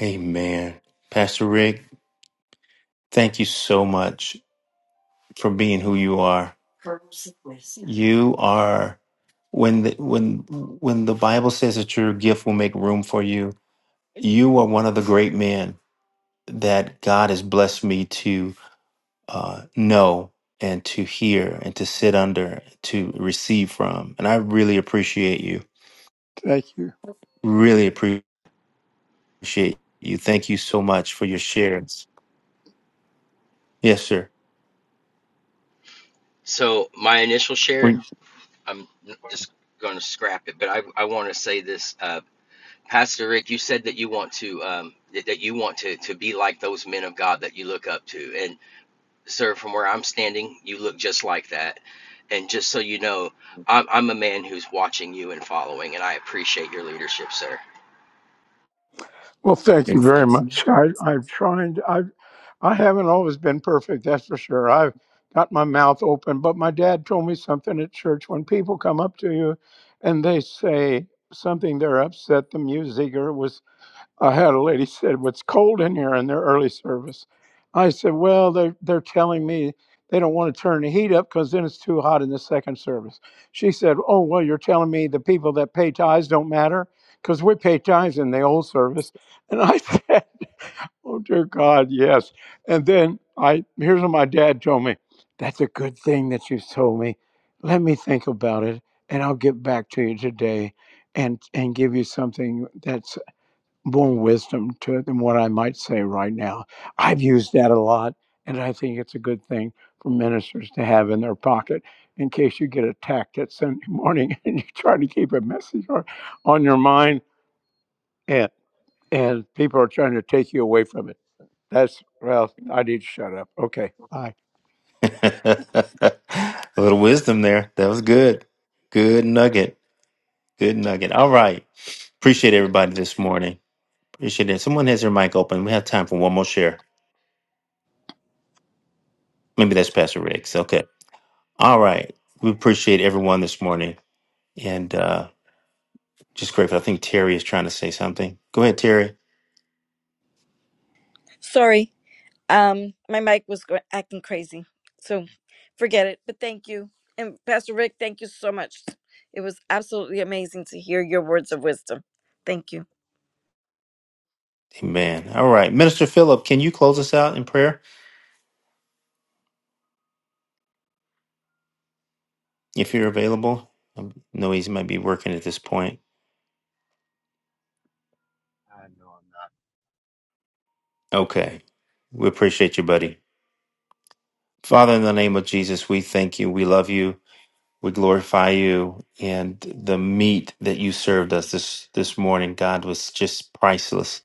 A: Amen. Pastor Rick, thank you so much for being who you are. You are when the when when the Bible says that your gift will make room for you, you are one of the great men that God has blessed me to uh, know and to hear and to sit under to receive from. And I really appreciate you.
K: Thank you.
A: Really appreciate you. Thank you so much for your shares. Yes, sir.
J: So my initial share, I'm just going to scrap it, but I I want to say this. Uh, Pastor Rick, you said that you want to um, that, that you want to to be like those men of God that you look up to. And sir, from where I'm standing, you look just like that. And just so you know, I'm, I'm a man who's watching you and following, and I appreciate your leadership, sir.
K: Well, thank you
A: Thanks.
K: very much. I, I'm trying. To, I I haven't always been perfect. That's for sure. I've got my mouth open, but my dad told me something at church. When people come up to you, and they say something, they're upset. The music or was I had a lady said, "What's cold in here in their early service?" I said, "Well, they are they're telling me they don't want to turn the heat up because then it's too hot in the second service." She said, "Oh, well, you're telling me the people that pay tithes don't matter because we pay tithes in the old service." And I said, "Oh dear God, yes." And then I here's what my dad told me. That's a good thing that you have told me. Let me think about it, and I'll get back to you today, and and give you something that's more wisdom to it than what I might say right now. I've used that a lot, and I think it's a good thing for ministers to have in their pocket in case you get attacked at Sunday morning and you try to keep a message on, on your mind and and people are trying to take you away from it. That's well, I need to shut up. Okay. Bye.
A: A little wisdom there. That was good. Good nugget. Good nugget. All right. Appreciate everybody this morning. Appreciate it. Someone has their mic open. We have time for one more share. Maybe that's Pastor Riggs. Okay. All right. We appreciate everyone this morning and uh, just grateful. I think Terry is trying to say something. Go ahead, Terry.
L: Sorry, um, my mic was go- acting crazy, so forget it. But thank you, and Pastor Rick, thank you so much. It was absolutely amazing to hear your words of wisdom. Thank you.
A: Amen. All right. Minister Philip, can you close us out in prayer if you're available? I know he might be working at this point.
M: I know I'm not.
A: Okay. We appreciate you, buddy. Father, in the name of Jesus, we thank you. We love you. We glorify you. And the meat that you served us this, this morning, God, was just priceless.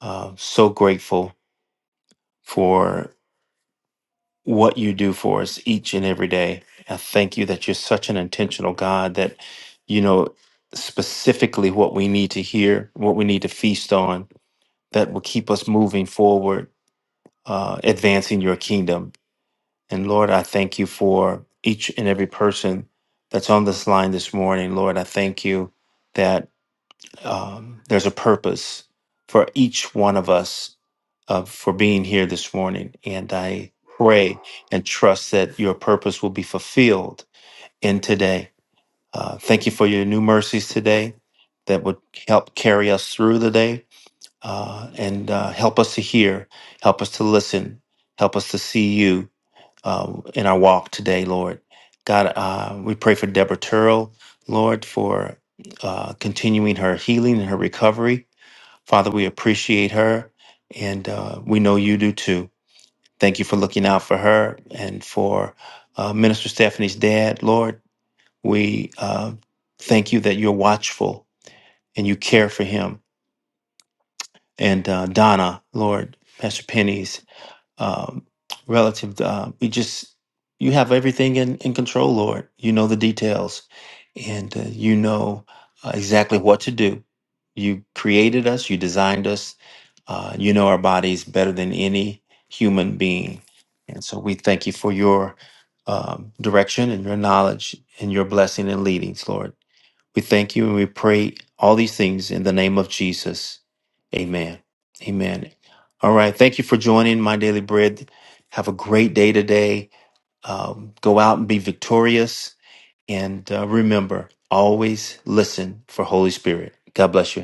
A: Uh, so grateful for what you do for us each and every day. I thank you that you're such an intentional God that you know specifically what we need to hear, what we need to feast on, that will keep us moving forward, uh, advancing your kingdom And Lord, I thank you for each and every person that's on this line this morning. Lord, I thank you that um, there's a purpose for each one of us uh, for being here this morning. And I pray and trust that your purpose will be fulfilled in today. Uh, thank you for your new mercies today that would help carry us through the day uh, and uh, help us to hear, help us to listen, help us to see you uh, in our walk today, Lord. God, uh, we pray for Deborah Turrell, Lord, for uh, continuing her healing and her recovery. Father, we appreciate her, and uh, we know you do too. Thank you for looking out for her and for uh, Minister Stephanie's dad, Lord. We uh, thank you that you're watchful and you care for him. And uh, Donna, Lord, Pastor Penny's um, relative uh, we just you have everything in, in control lord you know the details and uh, you know uh, exactly what to do you created us you designed us uh, you know our bodies better than any human being and so we thank you for your um, direction and your knowledge and your blessing and leadings lord we thank you and we pray all these things in the name of Jesus. Amen. Amen. All right. Thank you for joining my daily bread. Have a great day today. Um, go out and be victorious. And uh, remember, always listen for Holy Spirit. God bless you.